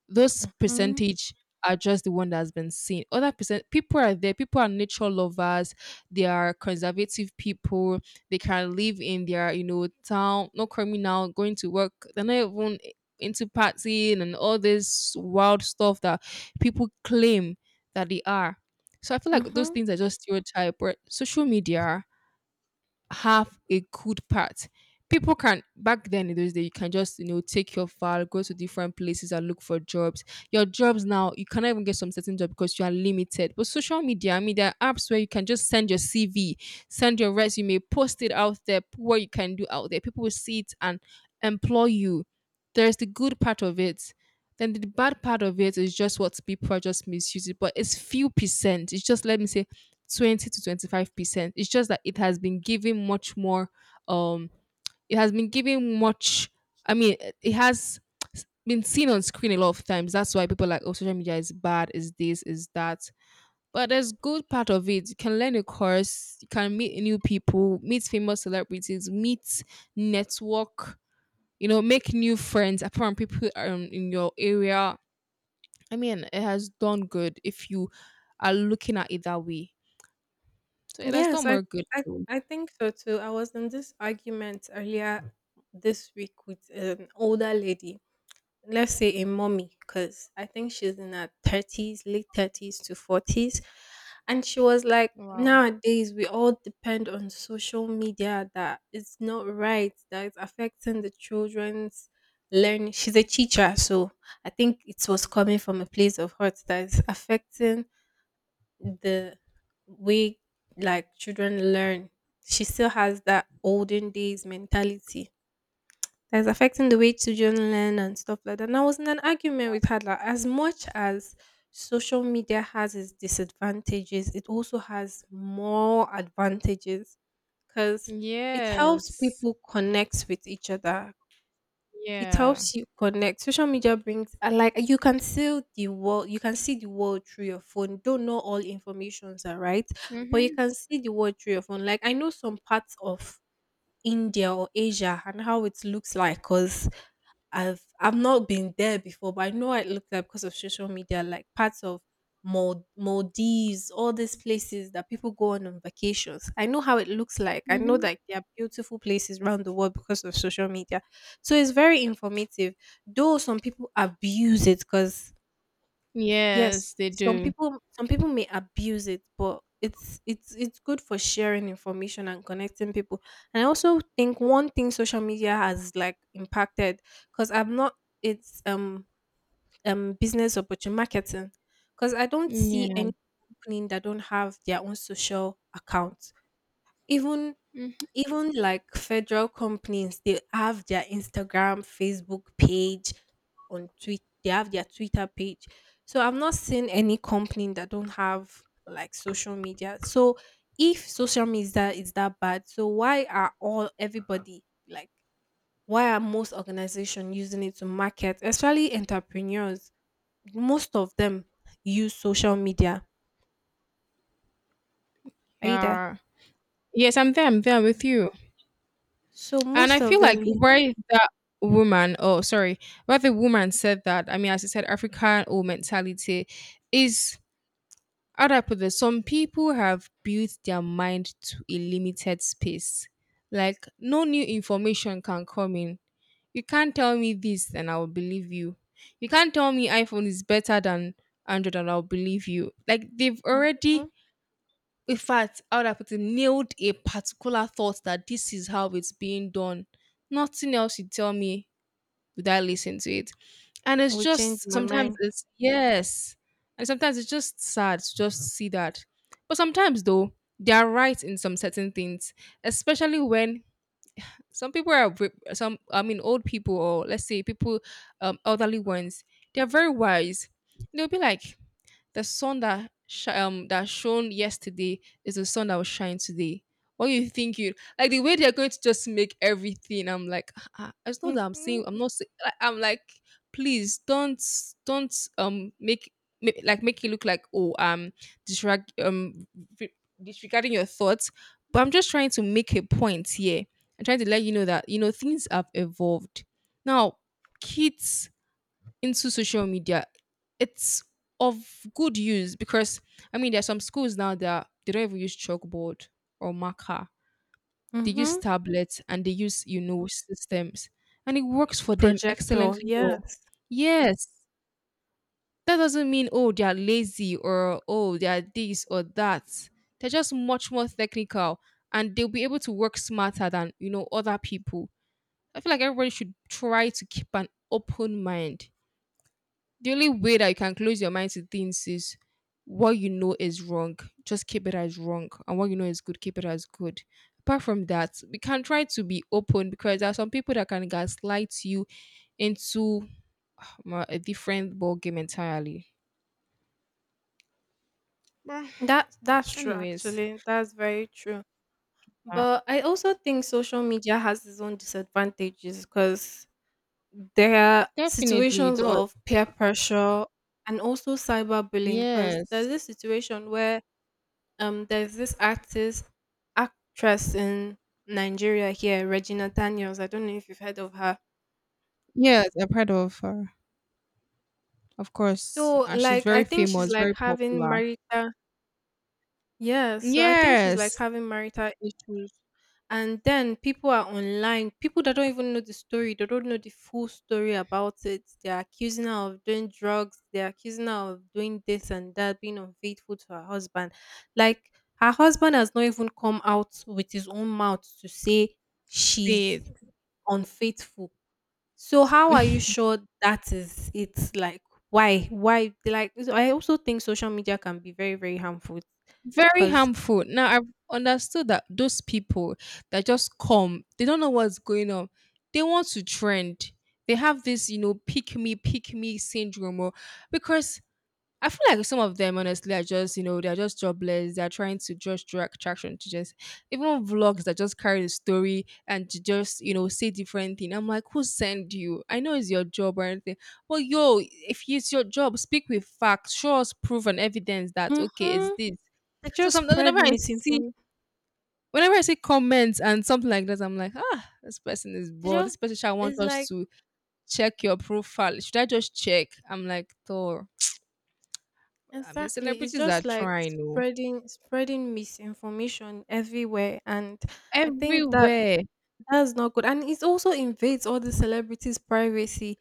[SPEAKER 2] Those
[SPEAKER 1] Mm-hmm.
[SPEAKER 2] percentage are just the one that has been seen. Other percent people are there. People are nature lovers. They are conservative people. They can live in their you know town, no criminal, going to work. They're not even into partying and all this wild stuff that people claim that they are. So I feel like those
[SPEAKER 1] Mm-hmm.
[SPEAKER 2] things are just stereotype. But social media have a good part. People can back then in those days you can just you know take your file, go to different places and look for jobs. Your jobs now you cannot even get some certain job because you are limited. But social media, I mean, there are apps where you can just send your CV, send your resume, post it out there, put what you can do out there. People will see it and employ you. There's the good part of it. Then the bad part of it is just what people are just misusing, but it's few percent. It's just let me say 20 to 25%. It's just that it has been given much more um it has been given much it has been seen on screen a lot of times that's why people are like oh social media is bad is this is that but there's good part of it. You can learn a course, you can meet new people, meet famous celebrities, meet network, you know, make new friends apart from people in your area. I mean it has done good if you are looking at it that way. So it has
[SPEAKER 1] Yes,
[SPEAKER 2] done
[SPEAKER 1] I,
[SPEAKER 2] more good.
[SPEAKER 1] I I think so too. I was in this argument earlier this week with an older lady. Let's say a mommy, because I think she's in her thirties, late thirties to forties, and she was like,
[SPEAKER 2] Wow.
[SPEAKER 1] "Nowadays, we all depend on social media. That it's not right. That it's affecting the children's learning." She's a teacher, so I think it was coming from a place of hurt that is affecting the way like children learn. She still has that olden days mentality that's affecting the way children learn and stuff like that. And I was in an argument with her like as much as social media has its disadvantages, it also has more advantages because it helps
[SPEAKER 2] Yes.
[SPEAKER 1] people connect with each other. It
[SPEAKER 2] Yeah.
[SPEAKER 1] helps you connect. Social media brings and like you can see the world through your phone. Don't know all informations are right, but you
[SPEAKER 2] Mm-hmm.
[SPEAKER 1] can see the world through your phone. Like I know some parts of India or Asia and how it looks like because I've not been there before, but I know I looked at because of social media, like parts of Maldives, all these places that people go on vacations. I know how it looks like. I know
[SPEAKER 2] Mm-hmm.
[SPEAKER 1] that there are beautiful places around the world because of social media. So it's very informative. Though some people abuse it because yes,
[SPEAKER 2] Yes, they
[SPEAKER 1] some
[SPEAKER 2] do.
[SPEAKER 1] people some people may abuse it, but it's good for sharing information and connecting people. And I also think one thing social media has like impacted because I'm not it's business opportunity marketing because I don't see any
[SPEAKER 2] Yeah.
[SPEAKER 1] company that don't have their own social account. Even
[SPEAKER 2] hmm
[SPEAKER 1] even like federal companies, they have their Instagram, Facebook page, on tweet they have their Twitter page, so I've not seen any company that don't have like social media. So if social media is that bad, so why are all everybody like why are most organizations using it to market, especially entrepreneurs, most of them use social media. Are you there?
[SPEAKER 2] Yeah. Yes, I'm there.
[SPEAKER 1] Okay,
[SPEAKER 2] I'm there with you.
[SPEAKER 1] so
[SPEAKER 2] And I
[SPEAKER 1] most of
[SPEAKER 2] feel
[SPEAKER 1] them
[SPEAKER 2] like
[SPEAKER 1] use.
[SPEAKER 2] where that woman, oh, sorry, where the woman said that, I mean, as I said, African old mentality is, how do I put this? Some people have built their mind to a limited space. Like, no new information can come in. You can't tell me this and I will believe you. You can't tell me iPhone is better than Android and I'll believe you. Like they've
[SPEAKER 1] Mhm.
[SPEAKER 2] already, in fact, I would have put it, nailed a particular thought that this is how it's being done. Nothing else you tell me would I listen to it. And it's
[SPEAKER 1] Will change
[SPEAKER 2] just
[SPEAKER 1] my
[SPEAKER 2] sometimes
[SPEAKER 1] mind.
[SPEAKER 2] it's yes. And sometimes it's just sad to just see that. But sometimes though, they are right in some certain things, especially when some people are some, I mean, old people, or let's say people elderly ones, they're very wise. They'll be like, the sun that that shone yesterday is the sun that will shine today. What you think you like the way they're going to just make everything? I'm like, ah, ah, it's not that I'm
[SPEAKER 1] Mhm.
[SPEAKER 2] saying I'm not. Saying, I'm like, please don't make, make like make it look like oh disreg- um re- disregarding your thoughts. But I'm just trying to make a point here. I'm trying to let you know that you know things have evolved. Now, kids into social media, it's of good use because I mean there are some schools now that they don't even use chalkboard or marker. They use
[SPEAKER 1] Mm-hmm.
[SPEAKER 2] tablets and they use, you know, systems. And it works for them
[SPEAKER 1] Projector,
[SPEAKER 2] excellently well.
[SPEAKER 1] yes.
[SPEAKER 2] Yes. That doesn't mean oh they are lazy or oh they are this or that. They're just much more technical and they'll be able to work smarter than you know other people. I feel like everybody should try to keep an open mind. The only way that you can close your mind to things is what you know is wrong, just keep it as wrong. And what you know is good, keep it as good. Apart from that, we can try to be open because there are some people that can gaslight you into a different ball game entirely. But
[SPEAKER 1] That's true
[SPEAKER 2] anyways,
[SPEAKER 1] actually. That's very true.
[SPEAKER 2] yeah.
[SPEAKER 1] But I also think social media has its own disadvantages because there are
[SPEAKER 2] Definitely it
[SPEAKER 1] situations
[SPEAKER 2] does.
[SPEAKER 1] of peer pressure and also cyberbullying because there's
[SPEAKER 2] Yes.
[SPEAKER 1] this situation where there's this artist actress in Nigeria here, Regina Daniels. I don't know if you've heard of her.
[SPEAKER 2] Yes, I've heard of her. Of course.
[SPEAKER 1] So
[SPEAKER 2] And she's
[SPEAKER 1] like I
[SPEAKER 2] very
[SPEAKER 1] think she's
[SPEAKER 2] famous,
[SPEAKER 1] like
[SPEAKER 2] very
[SPEAKER 1] having
[SPEAKER 2] popular.
[SPEAKER 1] marital Yeah, so I think she's like
[SPEAKER 2] Yes.
[SPEAKER 1] having marital issues. And then people are online, people that don't even know the story, they don't know the full story about it. They're accusing her of doing drugs, they're accusing her of doing this and that, being unfaithful to her husband. Like her husband has not even come out with his own mouth to say she's
[SPEAKER 2] See
[SPEAKER 1] unfaithful. So how are you
[SPEAKER 2] it.
[SPEAKER 1] sure that is it's like why? Why like I also think social media can be very, very harmful
[SPEAKER 2] Very
[SPEAKER 1] because.
[SPEAKER 2] harmful. Now I've understood that those people that just come, they don't know what's going on. They want to trend. They have this, you know, pick me syndrome. Or, because I feel like some of them, honestly, are just, you know, they're just jobless. They're trying to just draw attraction to just even vlogs that just carry the story and to just, you know, say different thing. I'm like, who sent you? I know it's your job or anything, but yo, if it's your job, speak with facts, show us proof and evidence that okay, it's
[SPEAKER 1] Mm-hmm.
[SPEAKER 2] this.
[SPEAKER 1] They
[SPEAKER 2] So
[SPEAKER 1] just
[SPEAKER 2] some
[SPEAKER 1] spread
[SPEAKER 2] see
[SPEAKER 1] misinformation.
[SPEAKER 2] whenever I see comments and something like that, I'm like, ah, this person is
[SPEAKER 1] They
[SPEAKER 2] bored. This
[SPEAKER 1] just
[SPEAKER 2] person shall want
[SPEAKER 1] it's
[SPEAKER 2] us
[SPEAKER 1] like
[SPEAKER 2] to check your profile. Should I just check? I'm like, Thor. I mean,
[SPEAKER 1] Exactly. It's
[SPEAKER 2] celebrities are
[SPEAKER 1] just like
[SPEAKER 2] trying. Oh.
[SPEAKER 1] spreading misinformation everywhere, and I think that
[SPEAKER 2] Everywhere.
[SPEAKER 1] that's not good. And it also invades all the celebrities' privacy.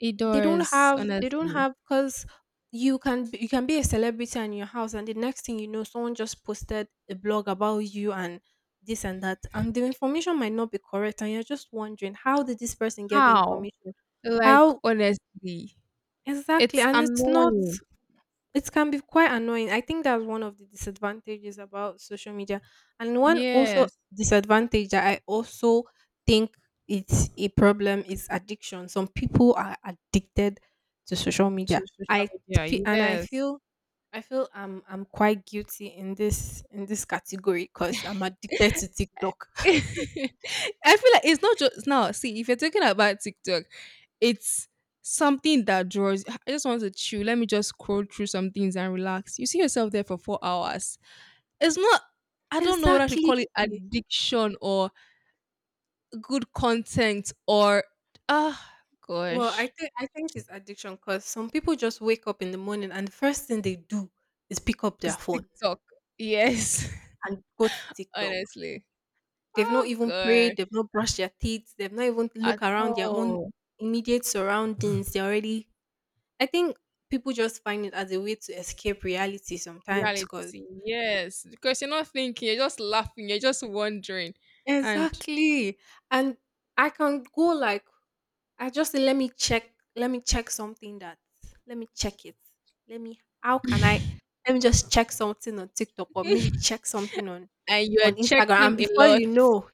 [SPEAKER 2] It
[SPEAKER 1] They don't
[SPEAKER 2] does,
[SPEAKER 1] have they don't
[SPEAKER 2] honestly.
[SPEAKER 1] have because you can you can be a celebrity in your house, and the next thing you know, someone just posted a blog about you and this and that, and the information might not be correct, and you're just wondering how did this person get the
[SPEAKER 2] How?
[SPEAKER 1] information
[SPEAKER 2] Like,
[SPEAKER 1] how
[SPEAKER 2] honestly.
[SPEAKER 1] Exactly,
[SPEAKER 2] It's
[SPEAKER 1] and it's not
[SPEAKER 2] annoying.
[SPEAKER 1] it can be quite annoying. I think that's one of the disadvantages about social media. And one also
[SPEAKER 2] Yes.
[SPEAKER 1] disadvantage that I also think it's a problem is addiction. Some people are addicted to social media.
[SPEAKER 2] To social
[SPEAKER 1] I
[SPEAKER 2] media.
[SPEAKER 1] feel, and I
[SPEAKER 2] Yes.
[SPEAKER 1] feel I feel I'm quite guilty in this category because I'm addicted to TikTok.
[SPEAKER 2] I feel like it's not just now. See, if you're talking about TikTok, it's something that draws. I just want to chill. Let me just scroll through some things and relax. You see yourself there for 4 hours. It's not. I don't know what I should
[SPEAKER 1] Exactly.
[SPEAKER 2] call it, addiction or good content or ah
[SPEAKER 1] Well, I
[SPEAKER 2] gosh,
[SPEAKER 1] think I think it's addiction because some people just wake up in the morning, and the first thing they do is pick up their
[SPEAKER 2] it's
[SPEAKER 1] phone
[SPEAKER 2] TikTok. Yes,
[SPEAKER 1] and go to TikTok.
[SPEAKER 2] honestly.
[SPEAKER 1] They've not
[SPEAKER 2] Oh
[SPEAKER 1] even
[SPEAKER 2] gosh,
[SPEAKER 1] prayed, they've not brushed their teeth, they've not even
[SPEAKER 2] at
[SPEAKER 1] look around their own
[SPEAKER 2] all.
[SPEAKER 1] immediate surroundings. They're already I think people just find it as a way to escape reality sometimes because
[SPEAKER 2] Reality. Yes. Because you're not thinking, you're just laughing, you're just wondering. And
[SPEAKER 1] exactly. And I can go like I just say let me check something that let me check it. Let me how can I Let me just check something on TikTok or maybe check something on
[SPEAKER 2] and you're
[SPEAKER 1] Instagram,
[SPEAKER 2] checking
[SPEAKER 1] and
[SPEAKER 2] a
[SPEAKER 1] before
[SPEAKER 2] lot.
[SPEAKER 1] you know,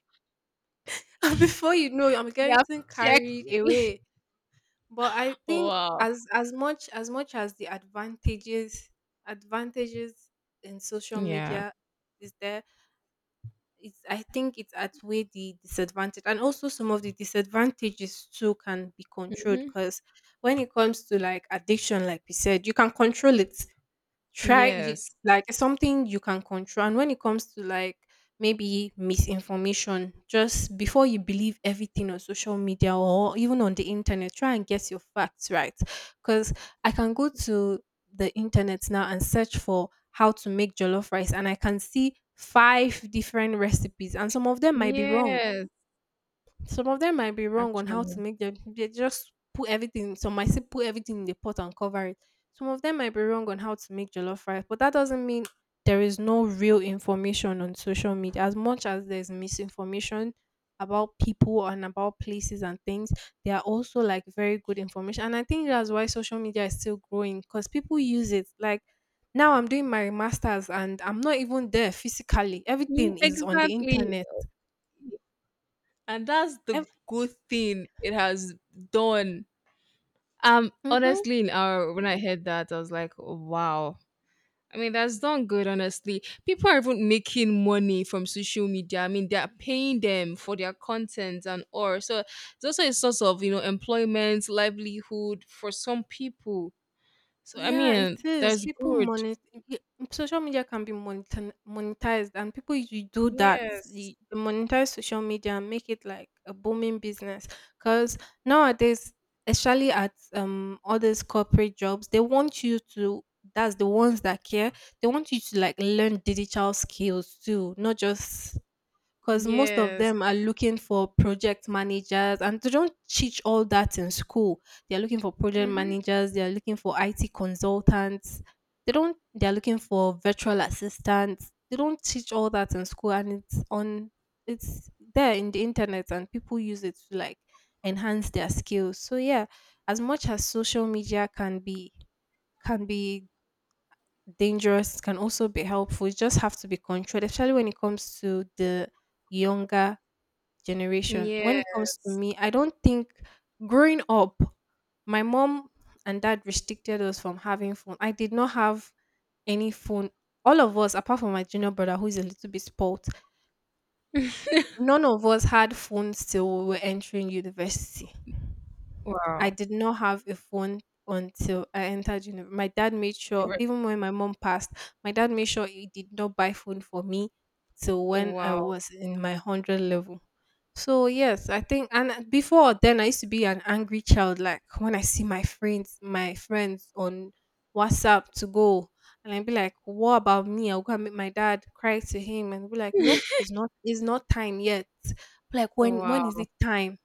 [SPEAKER 1] and before you know, I'm
[SPEAKER 2] You have
[SPEAKER 1] getting carried
[SPEAKER 2] checked.
[SPEAKER 1] away. But I think
[SPEAKER 2] Wow.
[SPEAKER 1] as much as the advantages in social
[SPEAKER 2] Yeah.
[SPEAKER 1] media is there it's I think it's at where the disadvantage, and also some of the disadvantages too can be controlled,
[SPEAKER 2] hmm
[SPEAKER 1] because when it comes to like addiction, like we said, you can control it try you
[SPEAKER 2] Yes.
[SPEAKER 1] like it's something you can control. And when it comes to like maybe misinformation, just before you believe everything on social media or even on the internet, try and get your facts right, because I can go to the internet now and search for how to make jollof rice, and I can see five different recipes, and some of them might be wrong.
[SPEAKER 2] Yes.
[SPEAKER 1] Some of them might be wrong on how to
[SPEAKER 2] Actually.
[SPEAKER 1] make them. They just put everything. Some might say put everything in the pot and cover it. Some of them might be wrong on how to make jollof rice, but that doesn't mean there is no real information on social media. As much as there's misinformation about people and about places and things, there are also like very good information. And I think that's why social media is still growing, because people use it. Like now, I'm doing my masters and I'm not even there physically. Everything is on the
[SPEAKER 2] Exactly.
[SPEAKER 1] internet.
[SPEAKER 2] And that's the
[SPEAKER 1] Ev-
[SPEAKER 2] good thing it has done.
[SPEAKER 1] Mhm.
[SPEAKER 2] Honestly, in our when I heard that, I was like, wow. I mean, that's done good, honestly. People are even making money from social media. I mean, they are paying them for their content and all. So it's also a source of, you know, employment, livelihood for some people. So, I
[SPEAKER 1] Yeah,
[SPEAKER 2] mean,
[SPEAKER 1] it is.
[SPEAKER 2] that's good.
[SPEAKER 1] Y- Social media can be monetized, and people usually do that.
[SPEAKER 2] Yes.
[SPEAKER 1] They monetize social media and make it like a booming business. Because nowadays, especially at all these corporate jobs, they want you to. That's the ones that care. They want you to like learn digital skills too, not just because most of
[SPEAKER 2] Yes.
[SPEAKER 1] them are looking for project managers, and they don't teach all that in school. they're looking for project
[SPEAKER 2] Mm-hmm.
[SPEAKER 1] managers they're looking for IT consultants, they don't they're looking for virtual assistants. They don't teach all that in school, and it's there in the internet, and people use it to like enhance their skills. So yeah, as much as social media can be dangerous, it can also be helpful. You just have to be controlled, especially when it comes to the younger generation. When
[SPEAKER 2] Yeah.
[SPEAKER 1] it comes to me, I don't think growing up, my mom and dad restricted us from having phone. I did not have any phone. All of us, apart from my junior brother, who is a little bit spoiled, none of us had phones till we were entering university. I
[SPEAKER 2] Wow.
[SPEAKER 1] did not have a phone until I entered university. My dad made
[SPEAKER 2] The
[SPEAKER 1] sure,
[SPEAKER 2] re-
[SPEAKER 1] even when my mom passed, my dad made sure he did not buy phone for me till when I
[SPEAKER 2] Wow.
[SPEAKER 1] was in my hundred level. So yes, I think, and before then I used to be an angry child. Like when I see my friends on WhatsApp to go, and I'd be like, what about me? I'll go and make my dad cry to him, and be like, nope, it's not time yet. Like when is
[SPEAKER 2] Wow.
[SPEAKER 1] it time?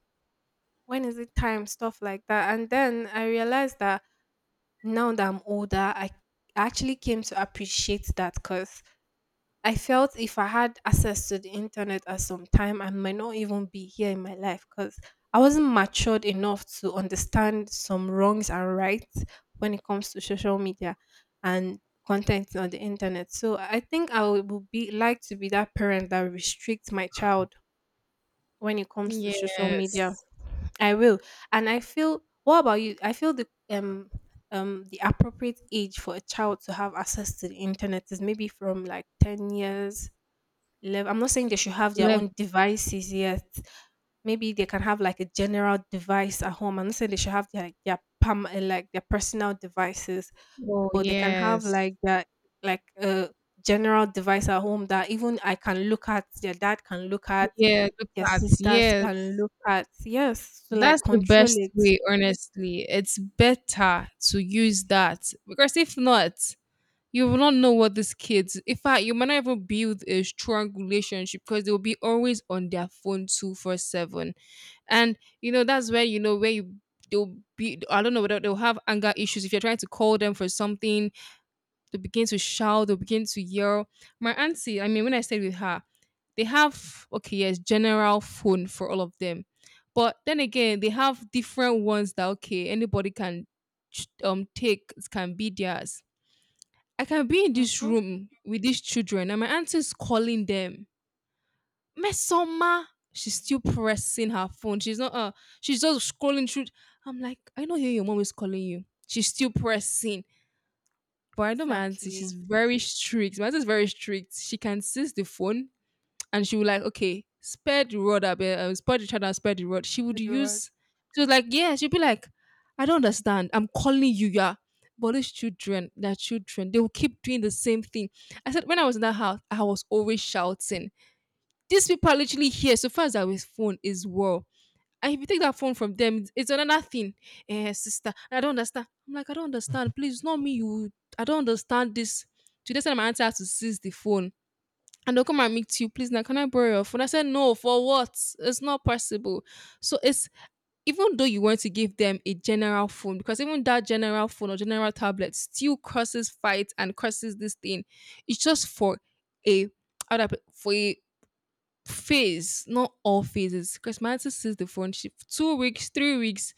[SPEAKER 1] When is it time? Stuff like that. And then I realized that now that I'm older, I actually came to appreciate that, because I felt if I had access to the internet at some time, I might not even be here in my life, because I wasn't matured enough to understand some wrongs and rights when it comes to social media and content on the internet. So I think I would be like to be that parent that restricts my child when it comes to social media.
[SPEAKER 2] Yes.
[SPEAKER 1] I will. And I feel, what about you? I feel the appropriate age for a child to have access to the internet is maybe from like 10 years level. I'm not saying they should have their
[SPEAKER 2] Lev-
[SPEAKER 1] own devices yet. Maybe they can have like a general device at home. I'm not saying they should have their like their personal devices,
[SPEAKER 2] Oh,
[SPEAKER 1] but they can have
[SPEAKER 2] yes.
[SPEAKER 1] like that like a general device at home that even I can look at. Their dad can look at.
[SPEAKER 2] Yeah. Look
[SPEAKER 1] Their
[SPEAKER 2] at.
[SPEAKER 1] sisters can
[SPEAKER 2] Yes.
[SPEAKER 1] look at. Yes, to like
[SPEAKER 2] That's the
[SPEAKER 1] control
[SPEAKER 2] best
[SPEAKER 1] it.
[SPEAKER 2] way, honestly. It's better to use that because if not, you will not know what these kids. In fact, you might not even build a strong relationship because they will be always on their phone 24/7, and you know that's where you know where you they'll be. I don't know whether they'll have anger issues. If you're trying to call them for something they begin to shout, they begin to yell. My auntie, I mean, when I stayed with her, they have okay, yes, general phone for all of them. But then again, they have different ones that okay, anybody can take it can be theirs. I can be in this
[SPEAKER 1] Mm-hmm.
[SPEAKER 2] room with these children, and my auntie's calling them. Mesoma, she's still pressing her phone. She's not she's just scrolling through. I'm like, I know here your mom is calling you. She's still pressing. But I know my auntie, she's
[SPEAKER 1] Exactly.
[SPEAKER 2] very strict. My auntie very strict. She can seize the phone and she will like, okay, spare the rod, a bit, spare the child and spare the rod. She would
[SPEAKER 1] Good word.
[SPEAKER 2] use, she was like, yeah, she'd be like, I don't understand. I'm calling you, yeah. But these children, they're children, they will keep doing the same thing. I said, when I was in that house, I was always shouting. These people are literally here. So far as our phone is well. And if you take that phone from them, it's another thing. Eh, sister, I don't understand. I'm like, I don't understand. Please, it's not me. You, I don't understand this. Today, said my auntie has to seize the phone. And they'll come and meet you. Please, now can I borrow your phone? I said, no, for what? It's not possible. So it's even though you want to give them a general phone, because even that general phone or general tablet still causes fight and causes this thing. It's just for a how do I put- for a phase, not all phases, because my auntie sees the friendship 2 weeks, 3 weeks,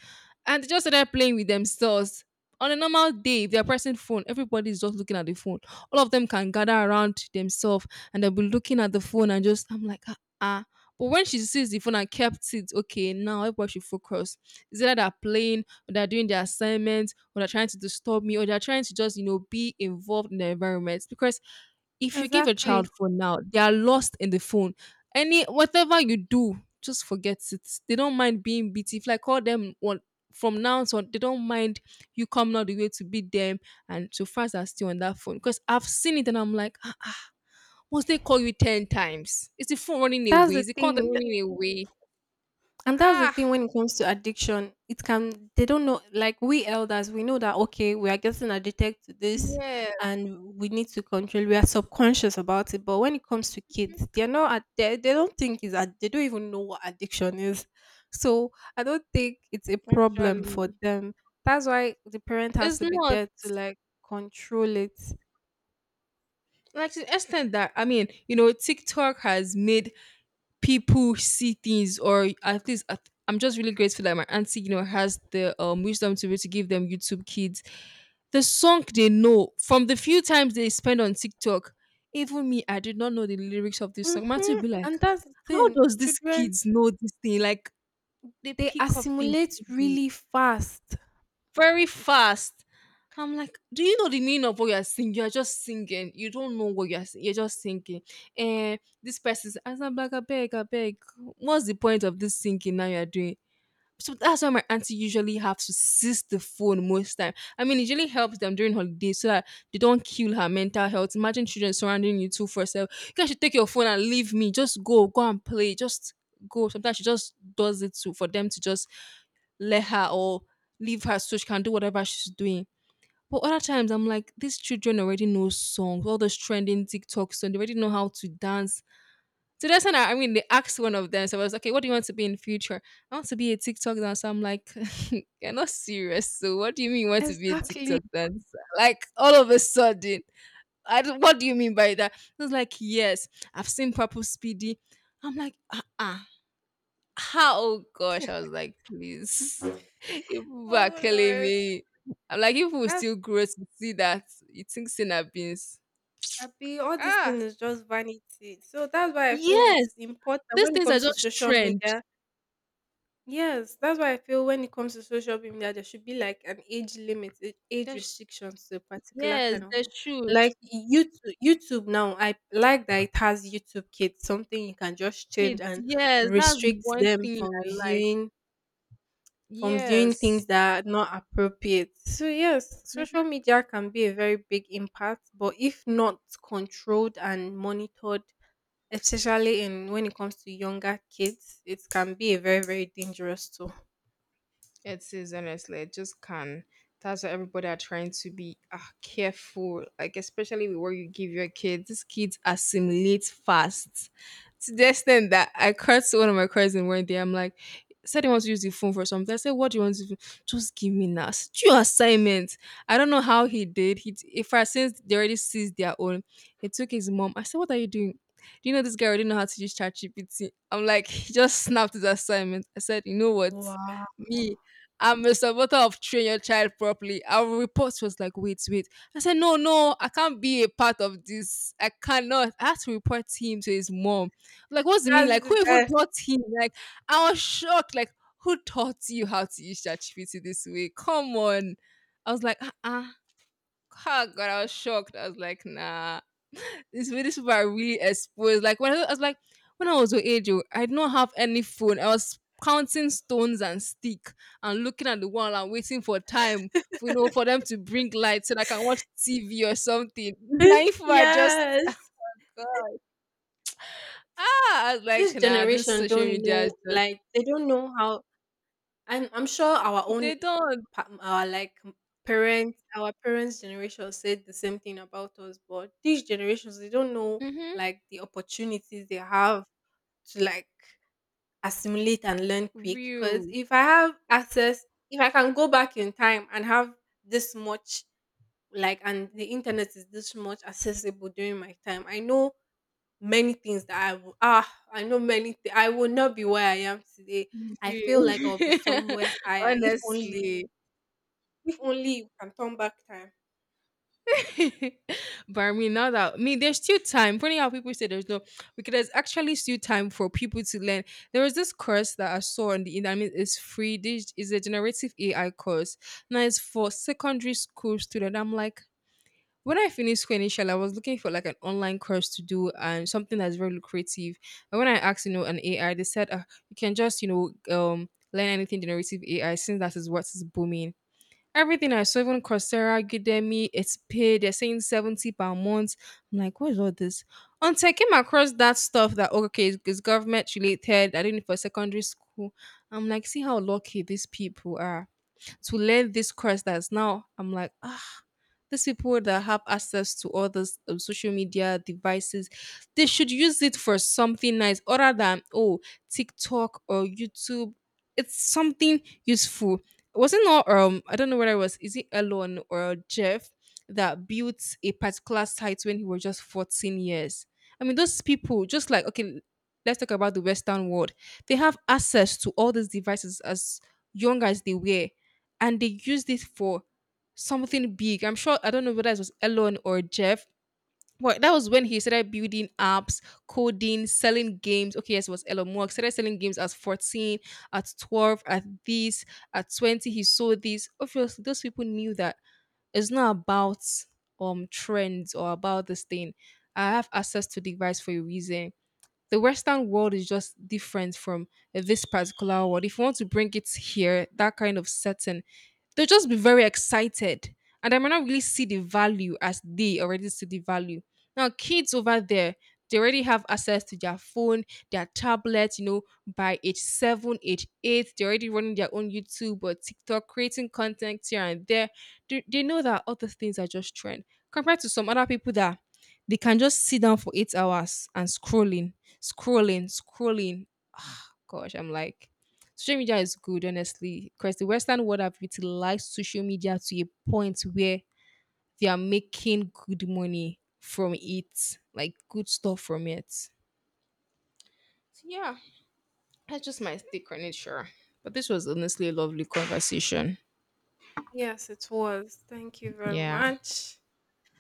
[SPEAKER 2] and they just started playing with themselves. On a normal day, if they're pressing phone, everybody's just looking at the phone. All of them can gather around themselves and they'll be looking at the phone and just, I'm like, ah, ah. But when she sees the phone and kept it, okay, now everybody should focus. Is either they're playing, or they're doing their assignments, or they're trying to disturb me, or they're trying to just, you know, be involved in the environment. Because if you give a child
[SPEAKER 1] Exactly.
[SPEAKER 2] phone now, they are lost in the phone. Any whatever you do, just forget it. They don't mind being beat. If like call them one from now on, they don't mind you coming out the way to beat them and so fast are still on that phone. Because I've seen it and I'm like, "Ah, once they call you 10 times, is the phone running
[SPEAKER 1] That's
[SPEAKER 2] away?
[SPEAKER 1] the
[SPEAKER 2] Is the call
[SPEAKER 1] thing.
[SPEAKER 2] running away?
[SPEAKER 1] And that's the thing,
[SPEAKER 2] Ah,
[SPEAKER 1] when it comes to addiction, it can they don't know, like we elders, we know that okay, we are getting addicted to this,
[SPEAKER 2] yes,
[SPEAKER 1] and we need to control, we are subconscious about it. But when it comes to kids, they're not they don't think is they don't even know what addiction is. So I don't think it's a problem for
[SPEAKER 2] actually,
[SPEAKER 1] them. That's why the parent has
[SPEAKER 2] it's
[SPEAKER 1] to be
[SPEAKER 2] not
[SPEAKER 1] there to like control it.
[SPEAKER 2] like to the extent that I mean, you know, TikTok has made people see things or at least I'm just really grateful that my auntie you know has the wisdom to be able to give them YouTube kids. The song they know from the few times they spend on TikTok, even me I did not know the lyrics of this song Matthew would
[SPEAKER 1] Hmm.
[SPEAKER 2] be like,
[SPEAKER 1] And that's the
[SPEAKER 2] how
[SPEAKER 1] thing,
[SPEAKER 2] does these
[SPEAKER 1] children
[SPEAKER 2] kids know this thing? Like they
[SPEAKER 1] they
[SPEAKER 2] pick up things
[SPEAKER 1] assimilate
[SPEAKER 2] easily,
[SPEAKER 1] really fast
[SPEAKER 2] very fast. I'm like, do you know the meaning of what you're singing? You're just singing. You don't know what you're singing. You're just singing. And this person's, as I'm like, I beg, I beg. What's the point of this singing now you're doing? So that's why my auntie usually have to seize the phone most time. I mean, it usually helps them during holidays so that they don't kill her mental health. Imagine children surrounding you two for yourself. You guys should take your phone and leave me. Just go, go and play. Just go. Sometimes she just does it to for them to just let her or leave her so she can do whatever she's doing. But other times I'm like, these children already know songs, all those trending TikToks, and they already know how to dance. So that's when I mean, they asked one of them, so I was like, okay, what do you want to be in future? I want to be a TikTok dancer. I'm like, you're not serious. So what do you mean you want to be a
[SPEAKER 1] exactly.
[SPEAKER 2] TikTok dancer? Like all of a sudden, I don't, what do you mean by that? I was like, yes, I've seen Purple Speedy. I'm like, uh-uh. How Oh gosh, I was like, please, you people are
[SPEAKER 1] Oh
[SPEAKER 2] killing
[SPEAKER 1] Lord,
[SPEAKER 2] me. I'm like, if we
[SPEAKER 1] that's
[SPEAKER 2] still grow to see that, you think Sina beans.
[SPEAKER 1] happy. All this
[SPEAKER 2] Ah,
[SPEAKER 1] thing is just vanity. So that's why I feel it's
[SPEAKER 2] yes,
[SPEAKER 1] important
[SPEAKER 2] these
[SPEAKER 1] when it
[SPEAKER 2] things are
[SPEAKER 1] comes to
[SPEAKER 2] just
[SPEAKER 1] social
[SPEAKER 2] trend.
[SPEAKER 1] media. Yes, that's why I feel when it comes to social media, there should be like an age limit, age
[SPEAKER 2] That's
[SPEAKER 1] restrictions to a particular
[SPEAKER 2] yes,
[SPEAKER 1] kind of
[SPEAKER 2] they
[SPEAKER 1] thing. Like
[SPEAKER 2] should.
[SPEAKER 1] YouTube, YouTube now, I like that it has YouTube Kids, something you can just change
[SPEAKER 2] Kids,
[SPEAKER 1] and
[SPEAKER 2] yes, that's
[SPEAKER 1] restrict
[SPEAKER 2] one
[SPEAKER 1] them
[SPEAKER 2] thing
[SPEAKER 1] from
[SPEAKER 2] I like.
[SPEAKER 1] viewing things
[SPEAKER 2] Yes.
[SPEAKER 1] that are not appropriate. So yes, social media can be a very big impact, but if not controlled and monitored, especially in when it comes to younger kids, it can be a very very dangerous tool.
[SPEAKER 2] It is honestly, it just can. That's why everybody are trying to be careful, like especially with what you give your kids. These kids assimilate fast to the extent that I cursed one of my cousins one day. I'm like, said he wants to use the phone for something. I said, what do you want to do? Just give me now. It's your assignment. I don't know how he did. If I since they already seized their own, he took his mom. I said, what are you doing? Do you know this guy already know how to use ChatGPT? I'm like, he just snapped his assignment. I said, you know what?
[SPEAKER 1] Wow,
[SPEAKER 2] Me, I'm a supporter of train your child properly. Our report was like, wait. I said, no, I can't be a part of this. I cannot. I had to report him to his mom. Like, what's the mean?
[SPEAKER 1] that's
[SPEAKER 2] Like,
[SPEAKER 1] the
[SPEAKER 2] who even
[SPEAKER 1] best.
[SPEAKER 2] taught him? Like, I was shocked. Like, who taught you how to use ChatGPT this way? Come on. I was like, ah, uh-uh. Ah, God, I was shocked. I was like, nah. These people are really exposed. Like when I was your age, oh, I did not have any phone. I was counting stones and stick and looking at the wall and waiting for time, for, you know, for them to bring light so that I can watch TV or something. Now if I just
[SPEAKER 1] Yes,
[SPEAKER 2] ah, I was like
[SPEAKER 1] this
[SPEAKER 2] nah, this
[SPEAKER 1] generation
[SPEAKER 2] social
[SPEAKER 1] don't
[SPEAKER 2] media is
[SPEAKER 1] know,
[SPEAKER 2] just
[SPEAKER 1] like they don't know how. And I'm sure our own
[SPEAKER 2] they don't.
[SPEAKER 1] pa our, like, parents our parents' generation said the same thing about us, but these generations, they don't know,
[SPEAKER 2] Mm-hmm.
[SPEAKER 1] like, the opportunities they have to, like, assimilate and learn quick. Because
[SPEAKER 2] Real.
[SPEAKER 1] if I can go back in time and have this much, like, and the internet is this much accessible during my time, I know many things that I will ah, I know many thi I will not be where I am today. I feel
[SPEAKER 2] Real.
[SPEAKER 1] like I'll be somewhere higher if only
[SPEAKER 2] Honestly.
[SPEAKER 1] you can turn back time.
[SPEAKER 2] Now there's still time. Funny how people say there's no, because there's actually still time for people to learn. There was this course that I saw on the internet. I mean, it's free. This is a generative AI course. Now it's for secondary school student. I'm like. When I finished school initially, I was looking for like an online course to do and something that's very lucrative. And when I asked, you know, an AI, they said you can just, you know, learn anything generative AI since that is what is booming. Everything I saw, even Coursera, Udemy, it's paid. They're saying 70 per month. I'm like, what is all this? Until I came across that stuff that, oh, okay, it's government related. I did it for secondary school. I'm like, see how lucky these people are to learn this course that's now. I'm like, ah. These people that have access to all those social media devices, they should use it for something nice other than, oh, TikTok or YouTube. It's something useful. Was it not, I don't know whether it was, is it Elon or Jeff that built a particular site when he was just 14 years? I mean, those people, just like, okay, let's talk about the Western world. They have access to all these devices as young as they were, and they use this for something big. I'm sure I don't know whether it was Elon or Jeff. But that was when he started building apps, coding, selling games. Okay, yes, it was Elon Musk. Started selling games at 14, at 12, at this, at 20. He sold this. Obviously, those people knew that it's not about trends or about this thing. I have access to device for a reason. The Western world is just different from this particular world. If you want to bring it here, that kind of setting, they'll just be very excited and they might not really see the value as they already see the value. Now, kids over there, they already have access to their phone, their tablet, you know, by age 7, age 8, they're already running their own YouTube or TikTok, creating content here and there. They know that all those things are just trend compared to some other people that they can just sit down for 8 hours and scrolling, scrolling, scrolling. Gosh, I'm like, social media is good, honestly, because the Western world have utilized social media to a point where they are making good money from it, like good stuff from it. So yeah, that's just my take on it, sure. But this was honestly a lovely conversation.
[SPEAKER 1] Yes, it was. Thank you very
[SPEAKER 2] Yeah.
[SPEAKER 1] much.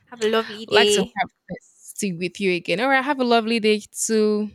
[SPEAKER 1] Have a lovely
[SPEAKER 2] Like to
[SPEAKER 1] day.
[SPEAKER 2] have this tea with you again. All right, have a lovely day too.